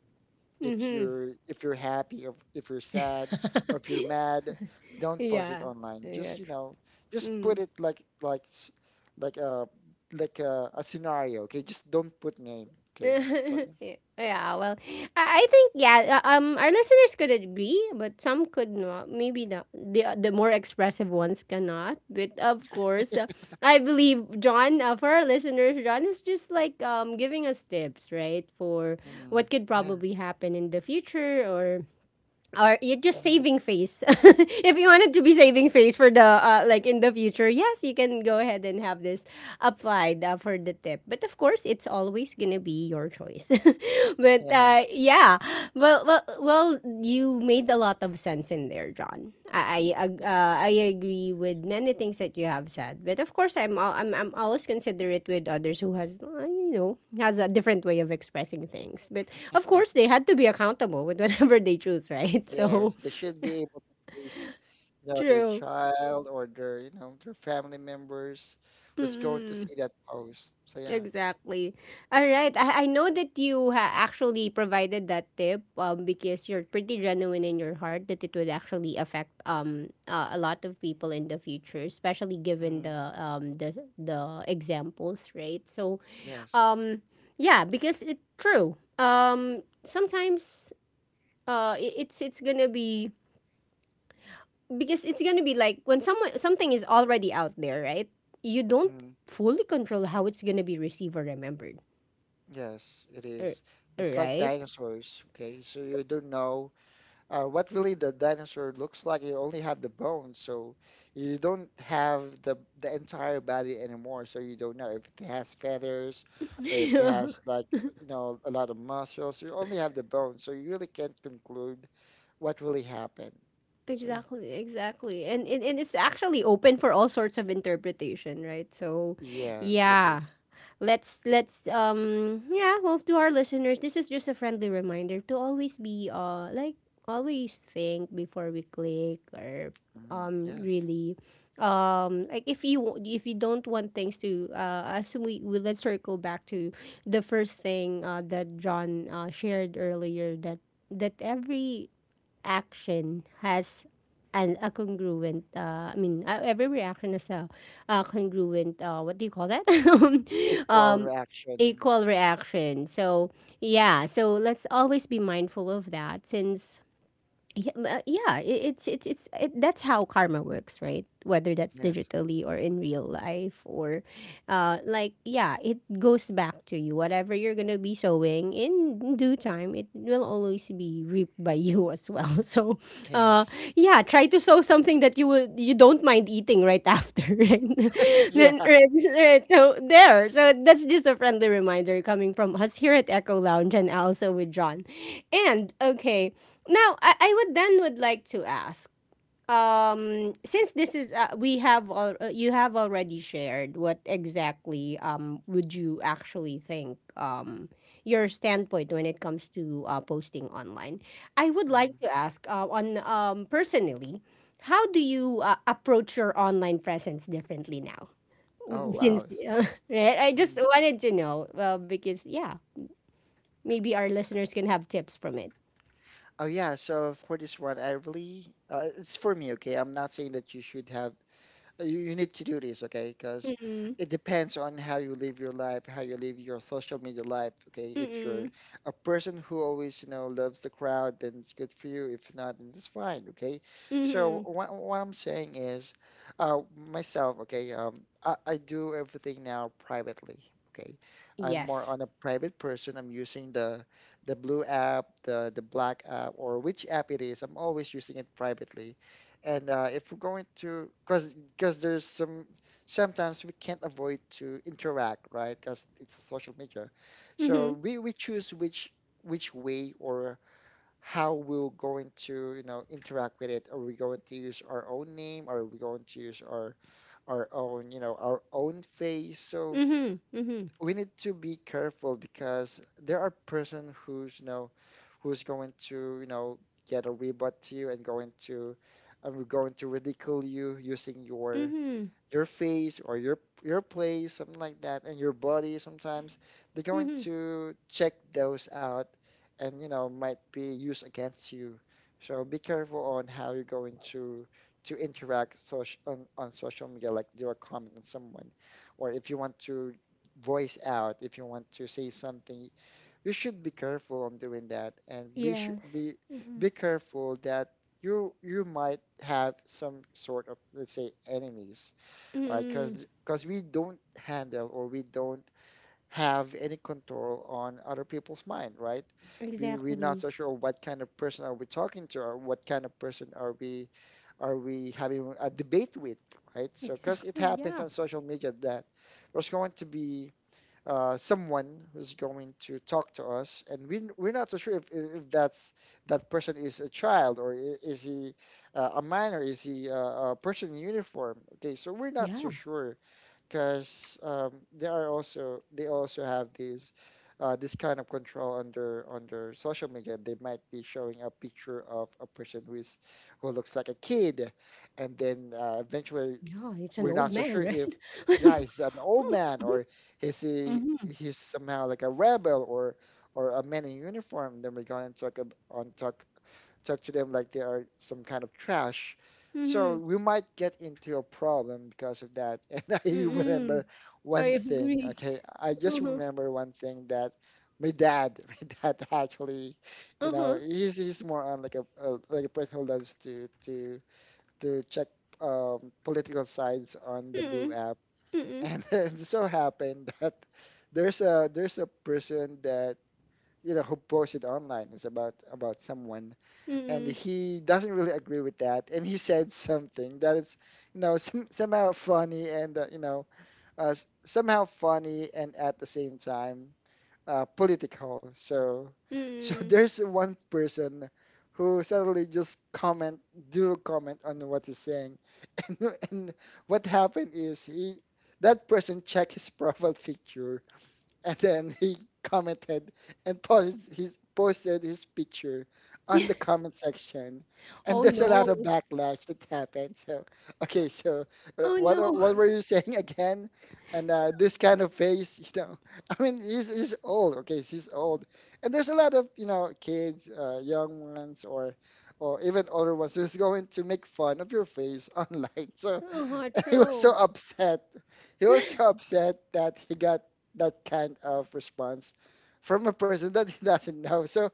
[SPEAKER 2] If
[SPEAKER 1] Mm-hmm.
[SPEAKER 2] you're happy, if you're sad, or if you're mad, don't post it
[SPEAKER 1] Yeah.
[SPEAKER 2] online.
[SPEAKER 1] Yeah,
[SPEAKER 2] Just, you know,
[SPEAKER 1] true.
[SPEAKER 2] just put
[SPEAKER 1] Mm.
[SPEAKER 2] it like like a like a scenario. Okay, just don't put name. Okay, so yeah,
[SPEAKER 1] Yeah, well, I think yeah, our listeners could agree, but some could not. Maybe the more expressive ones cannot. But of course, I believe John, for our listeners, John is just like um, giving us tips, right, for
[SPEAKER 2] hmm,
[SPEAKER 1] what could
[SPEAKER 2] yeah,
[SPEAKER 1] probably happen in the future, or you're just
[SPEAKER 2] hmm,
[SPEAKER 1] saving face. If you wanted to be saving face for the like in the future, yes, you can go ahead and have this applied for the tip. But of course, it's always gonna be your choice. But
[SPEAKER 2] yeah,
[SPEAKER 1] yeah, well, well, well, you made a lot of sense in there, John. I agree with many things that you have said. But of course, I'm al- I'm always considerate with others who has you know, has a different way of expressing things. But of
[SPEAKER 2] yeah.
[SPEAKER 1] course, they had to be accountable with whatever they choose, right? So
[SPEAKER 2] Yes, they should be able to face, you know, their
[SPEAKER 1] true.
[SPEAKER 2] child or their, you know, their family members was going to
[SPEAKER 1] Mm-mm.
[SPEAKER 2] see that post. So yeah,
[SPEAKER 1] Exactly. All right. I know that you actually provided that tip because you're pretty genuine in your heart that it would actually affect a lot of people in the future, especially given
[SPEAKER 2] hmm,
[SPEAKER 1] the the examples, right? So
[SPEAKER 2] yes.
[SPEAKER 1] um, yeah, because it's true. Um, sometimes it's gonna be, because it's gonna be like when someone something is already out there, right? You don't
[SPEAKER 2] Mm,
[SPEAKER 1] fully control how it's gonna be received or remembered,
[SPEAKER 2] yes, it
[SPEAKER 1] r-
[SPEAKER 2] is. It's like
[SPEAKER 1] right?
[SPEAKER 2] dinosaurs, okay? So you don't know what really the dinosaur looks like. You only have the bones, so you don't have the entire body anymore. So you don't know if it has feathers or if it has like, you know, a lot of muscles. You only have the bones, so you really can't conclude what really happened.
[SPEAKER 1] Yeah,
[SPEAKER 2] So yeah.
[SPEAKER 1] exactly, exactly. And, and it's actually open for all sorts of interpretation, right? So,
[SPEAKER 2] Yes, it
[SPEAKER 1] yeah.
[SPEAKER 2] is.
[SPEAKER 1] Let's um, yeah, well, to our listeners, this is just a friendly reminder to always be uh, like, always think before we click, or
[SPEAKER 2] Mhm,
[SPEAKER 1] um,
[SPEAKER 2] yes.
[SPEAKER 1] really um, like, if you don't want things to uh, as we, let's circle back to the first thing uh, that John uh, shared earlier, that that every action has an a congruent I mean every reaction has a congruent what do you call that?
[SPEAKER 2] Equal
[SPEAKER 1] Um,
[SPEAKER 2] reaction.
[SPEAKER 1] equal reaction. So yeah, so let's always be mindful of that since yeah, yeah it, it's it, that's how karma works, right? Whether that's
[SPEAKER 2] Yes.
[SPEAKER 1] digitally or in real life, or uh, like, yeah, it goes back to you, whatever you're gonna be sowing in due time, it will always be reaped by you as well. So uh,
[SPEAKER 2] Yes.
[SPEAKER 1] yeah, try to sow something that you would, you don't mind eating right after, right? Then
[SPEAKER 2] Yeah.
[SPEAKER 1] right, so there, so that's just a friendly reminder coming from us here at Echo Lounge and also with John. And okay, now, I would then would like to ask, since this is you have already shared what exactly um, would you actually think um, your standpoint when it comes to posting online. I would like
[SPEAKER 2] Mm-hmm.
[SPEAKER 1] to ask on um, personally, how do you approach your online presence differently now? Mm,
[SPEAKER 2] Oh
[SPEAKER 1] since
[SPEAKER 2] wow.
[SPEAKER 1] right, I
[SPEAKER 2] Hmm.
[SPEAKER 1] just wanted to know, well, because yeah, maybe our listeners can have tips from it.
[SPEAKER 2] Oh yeah. So for this one, I really it's for me. Okay, I'm not saying that you should have. You, you need to do this, okay? Because
[SPEAKER 1] Mm-mm,
[SPEAKER 2] it depends on how you live your life, how you live your social media life, okay? If you're
[SPEAKER 1] mm-mm,
[SPEAKER 2] a person who always, you know, loves the crowd, then it's good for you. If not, then it's fine, okay? So what I'm saying is, myself, okay, I do everything now privately. Okay, I'm more
[SPEAKER 1] yes.
[SPEAKER 2] on a private person. I'm using the blue app, the black app, or which app it is. I'm always using it privately. And if we're going to, because there's some sometimes we can't avoid to interact, right, because it's a social media.
[SPEAKER 1] Mm-hmm.
[SPEAKER 2] So we choose which way or how we're going to, you know, interact with it. Are we going to use our own name, are we going to use our own, you know, our own face. So
[SPEAKER 1] Mm-hmm. Mm-hmm.
[SPEAKER 2] we need to be careful because there are person who's, you know, who's going to, you know, get a rebut to you and going to, and we're going to ridicule you using your
[SPEAKER 1] Mm-hmm.
[SPEAKER 2] face or your place, something like that, and your body sometimes. They're going
[SPEAKER 1] Mm-hmm.
[SPEAKER 2] to check those out, and you know might be used against you. So be careful on how you're going to interact social on social media, like do a comment on someone, or if you want to voice out, if you want to say something, you should be careful on doing that, and
[SPEAKER 1] Yes. Mm-hmm.
[SPEAKER 2] be careful that you might have some sort of, let's say, enemies, right.
[SPEAKER 1] Mm-hmm.
[SPEAKER 2] Because we don't handle or we don't have any control on other people's mind, right. We're not
[SPEAKER 1] Exactly.
[SPEAKER 2] so sure what kind of person are we talking to, or what kind of person are we having a debate with, right. So because it
[SPEAKER 1] Exactly.
[SPEAKER 2] happens
[SPEAKER 1] Yeah.
[SPEAKER 2] on social media that there's going to be someone who's going to talk to us, and we're not so sure if that's that person is a child, or is he a minor, is he a person in uniform? Okay, so we're not so
[SPEAKER 1] Yeah.
[SPEAKER 2] sure, because they are also they also have these this kind of control under social media. They might be showing a picture of a person who is who looks like a kid, and then eventually,
[SPEAKER 1] Yeah. It's an
[SPEAKER 2] we're not
[SPEAKER 1] old
[SPEAKER 2] so sure
[SPEAKER 1] man,
[SPEAKER 2] if,
[SPEAKER 1] right?
[SPEAKER 2] yeah, he's an old man, or is he,
[SPEAKER 1] Mm-hmm.
[SPEAKER 2] he's somehow like a rebel, or a man in uniform. Then we're going to talk ab- on talk talk to them like they are some kind of trash. So
[SPEAKER 1] Mm-hmm.
[SPEAKER 2] we might get into a problem because of that. And I remember
[SPEAKER 1] Mm-mm. I
[SPEAKER 2] one thing,
[SPEAKER 1] agree.
[SPEAKER 2] okay? I just
[SPEAKER 1] Uh-huh.
[SPEAKER 2] remember one thing that my dad, my dad actually,
[SPEAKER 1] Uh-huh.
[SPEAKER 2] he's more on like a like a person who loves to check political sides on the blue
[SPEAKER 1] Mm-mm.
[SPEAKER 2] app.
[SPEAKER 1] Mm-mm.
[SPEAKER 2] And it so happened that there's a person that who posted online is about someone, and
[SPEAKER 1] Mm-mm.
[SPEAKER 2] he doesn't really agree with that, and he said something that is, somehow funny, and somehow funny and at the same time political. So, so there's one person who suddenly just comment on what he's saying and, and what happened is he that person checked his profile picture, and then he commented and posted his picture on the comment section, and
[SPEAKER 1] Oh
[SPEAKER 2] there's a lot of
[SPEAKER 1] no.
[SPEAKER 2] backlash that happened. So okay, so
[SPEAKER 1] Oh no.
[SPEAKER 2] what were you saying again? And this kind of face, you know. I mean, he's old, okay, he's old, and there's a lot of, you know, kids, young ones, or even older ones who's going to make fun of your face online. So
[SPEAKER 1] Uh-huh.
[SPEAKER 2] he was so
[SPEAKER 1] True.
[SPEAKER 2] upset. He was so upset that he got that kind of response from a person that he doesn't know. So,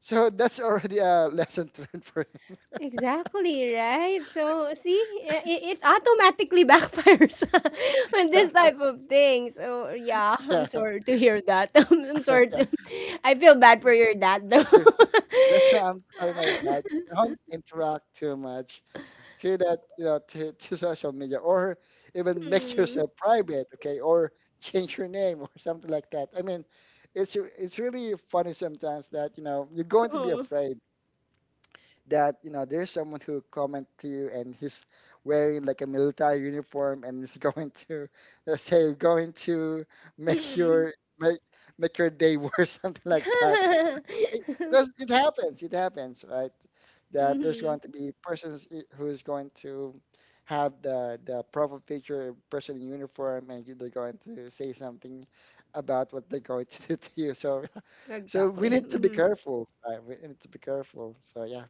[SPEAKER 2] so that's already a lesson to learn for him.
[SPEAKER 1] Exactly, right? So, see, it automatically backfires on this type of thing. So, yeah, I'm
[SPEAKER 2] Yeah, yeah,
[SPEAKER 1] sorry to hear that. I'm sorry.
[SPEAKER 2] yeah.
[SPEAKER 1] To, I feel bad for your dad, though.
[SPEAKER 2] That's why I'm telling my dad, don't interact too much to that, you know, to social media, or even make
[SPEAKER 1] Mm,
[SPEAKER 2] yourself private, okay, or change your name or something like that. I mean, it's really funny sometimes that, you know, you're going to be
[SPEAKER 1] oh,
[SPEAKER 2] afraid that, you know, there's someone who comment to you and he's wearing like a military uniform and is going to, let say, going to make
[SPEAKER 1] mm.
[SPEAKER 2] your make make your day worse, something like that. Because it happens, it happens, right, that there's
[SPEAKER 1] Mhm.
[SPEAKER 2] going to be persons who is going to have the profile picture person in uniform, and they're going to say something about what they're going to do to you. So, so we
[SPEAKER 1] Exactly.
[SPEAKER 2] need to be
[SPEAKER 1] Mm-hmm.
[SPEAKER 2] careful, right, we need to be careful, so yeah.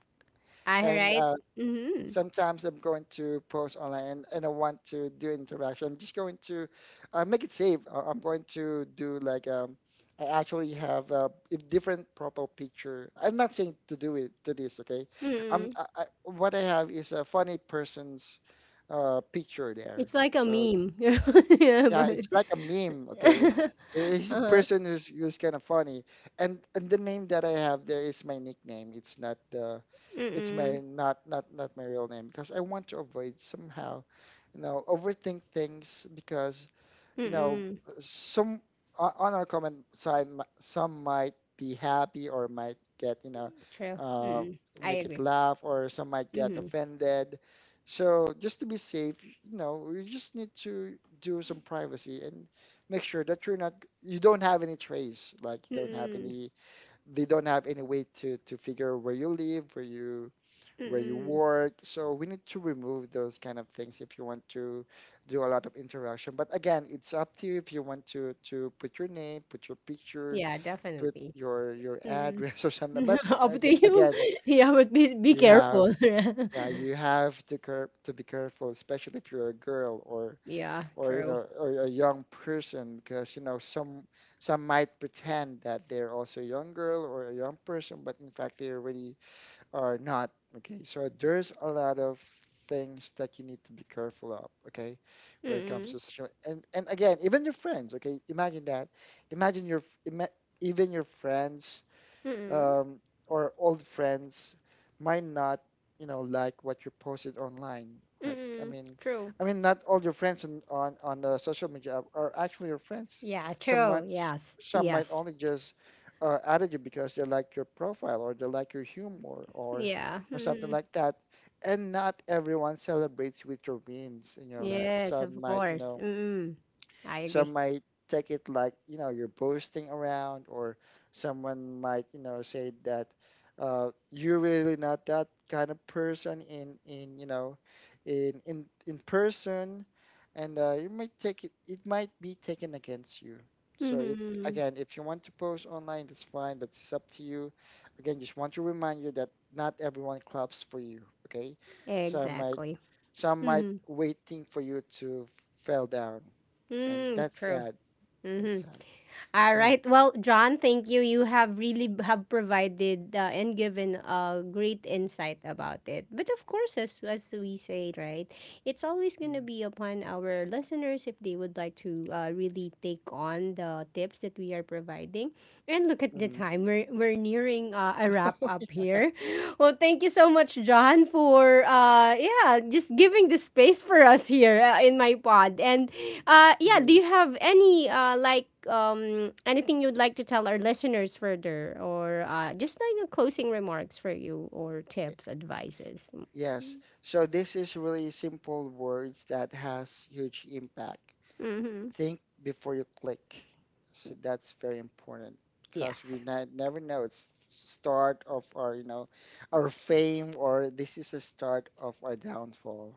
[SPEAKER 1] All
[SPEAKER 2] And
[SPEAKER 1] right. Mm-hmm.
[SPEAKER 2] sometimes I'm going to post online and, I want to do interaction. I'm just going to make it safe. I'm going to do like I actually have a different profile picture. I'm not saying to do it to this, okay?
[SPEAKER 1] Mm-hmm.
[SPEAKER 2] What I have is a funny person's picture there.
[SPEAKER 1] It's like a
[SPEAKER 2] So
[SPEAKER 1] meme. Yeah,
[SPEAKER 2] yeah,
[SPEAKER 1] but.
[SPEAKER 2] it's like a meme, okay? He's a
[SPEAKER 1] Uh-huh.
[SPEAKER 2] person who's kind of funny, and the name that I have there is my nickname. It's
[SPEAKER 1] Mm-mm.
[SPEAKER 2] my not my real name, because I want to avoid, somehow, you know, overthink things, because you know,
[SPEAKER 1] Mm-mm.
[SPEAKER 2] some on our comment side, some might be happy or might get, you know,
[SPEAKER 1] True.
[SPEAKER 2] uh,
[SPEAKER 1] Mm-mm. I
[SPEAKER 2] make it
[SPEAKER 1] agree.
[SPEAKER 2] laugh, or some might get
[SPEAKER 1] Mhm.
[SPEAKER 2] offended. So just to be safe, you know, you just need to do some privacy and make sure that you're not, you don't have any trace, like you don't have
[SPEAKER 1] Mm-mm.
[SPEAKER 2] any, they don't have any way to figure where you live, where you
[SPEAKER 1] Mm-mm.
[SPEAKER 2] work. So we need to remove those kind of things if you want to do a lot of interaction. But again, it's up to you if you want to put your name, put your picture,
[SPEAKER 1] Yeah,
[SPEAKER 2] put
[SPEAKER 1] definitely.
[SPEAKER 2] your
[SPEAKER 1] Mm-mm.
[SPEAKER 2] address or something. But
[SPEAKER 1] Up to you.
[SPEAKER 2] again,
[SPEAKER 1] Yeah, but be
[SPEAKER 2] you have
[SPEAKER 1] careful.
[SPEAKER 2] yeah, you have to care to be careful, especially if you're a girl
[SPEAKER 1] Yeah,
[SPEAKER 2] or you
[SPEAKER 1] true.
[SPEAKER 2] know or a young person, because you know some might pretend that they're also a young girl or a young person, but in fact they're already or not. Okay, so there's a lot of things that you need to be careful of. Okay, when it comes
[SPEAKER 1] Mm-mm.
[SPEAKER 2] to social, and again, even your friends. Okay, imagine that. Imagine your ima- even your friends,
[SPEAKER 1] Mm-mm.
[SPEAKER 2] um, or old friends, might not, you know, like what you posted online, right?
[SPEAKER 1] Mm-mm. True.
[SPEAKER 2] I mean, not all your friends on the social media are actually your friends.
[SPEAKER 1] Yeah,
[SPEAKER 2] Some
[SPEAKER 1] true.
[SPEAKER 2] might
[SPEAKER 1] Yes. Yes.
[SPEAKER 2] only just added you because they like your profile or they like your humor
[SPEAKER 1] Yeah.
[SPEAKER 2] or something
[SPEAKER 1] Mm-mm.
[SPEAKER 2] like that. And not everyone celebrates with your wins in your life.
[SPEAKER 1] Yes,
[SPEAKER 2] Some
[SPEAKER 1] of
[SPEAKER 2] might, you
[SPEAKER 1] course.
[SPEAKER 2] know,
[SPEAKER 1] Mm-mm. I
[SPEAKER 2] some
[SPEAKER 1] agree.
[SPEAKER 2] might take it like, you know, you're boasting around, or someone might, you know, say that you're really not that kind of person in you know in person, and you might take it. It might be taken against you. So if
[SPEAKER 1] Mm-hmm.
[SPEAKER 2] again, if you want to post online, that's fine, but it's up to you. Again, just want to remind you that not everyone claps for you. Okay, some might
[SPEAKER 1] Exactly. Mm-hmm.
[SPEAKER 2] waiting for you to fell down, and
[SPEAKER 1] Mm-hmm.
[SPEAKER 2] that's
[SPEAKER 1] True.
[SPEAKER 2] sad. That's
[SPEAKER 1] Mm-hmm.
[SPEAKER 2] sad.
[SPEAKER 1] All
[SPEAKER 2] So yeah.
[SPEAKER 1] right. Well, John, thank you. You have really have provided and given a great insight about it. But of course, as we say, right, it's always going to be upon our listeners if they would like to really take on the tips that we are providing. And look at the
[SPEAKER 2] Mm-hmm.
[SPEAKER 1] time. We're nearing a wrap up here. Well, thank you so much, John, for uh, yeah, just giving the space for us here in my pod. And yeah. Do
[SPEAKER 2] Hmm.
[SPEAKER 1] you have any uh, like um, anything you'd like to tell our listeners further, or uh, just like a closing remarks for you, or tips, advices?
[SPEAKER 2] Yes. So this is really simple words that has huge impact.
[SPEAKER 1] Mm-hmm.
[SPEAKER 2] Think before you click. So that's very important, because
[SPEAKER 1] Yes.
[SPEAKER 2] we not, never know, it's start of our, you know, our fame, or this is a start of our downfall.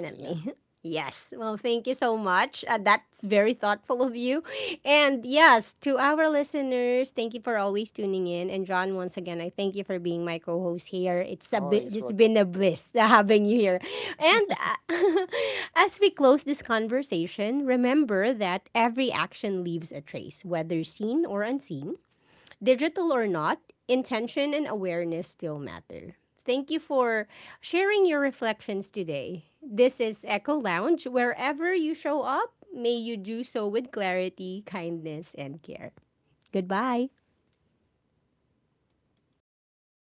[SPEAKER 2] So yeah,
[SPEAKER 1] Yes. Well, thank you so much. That's very thoughtful of you. And yes, to our listeners, thank you for always tuning in. And John, once again, I thank you for being my co-host here. It's a bit,
[SPEAKER 2] always
[SPEAKER 1] it's been
[SPEAKER 2] welcome.
[SPEAKER 1] a bliss having you here. And uh, as we close this conversation, remember that every action leaves a trace, whether seen or unseen. Digital or not, intention and awareness still matter. Thank you for sharing your reflections today. This is Echo Lounge. Wherever you show up, may you do so with clarity, kindness, and care. Goodbye.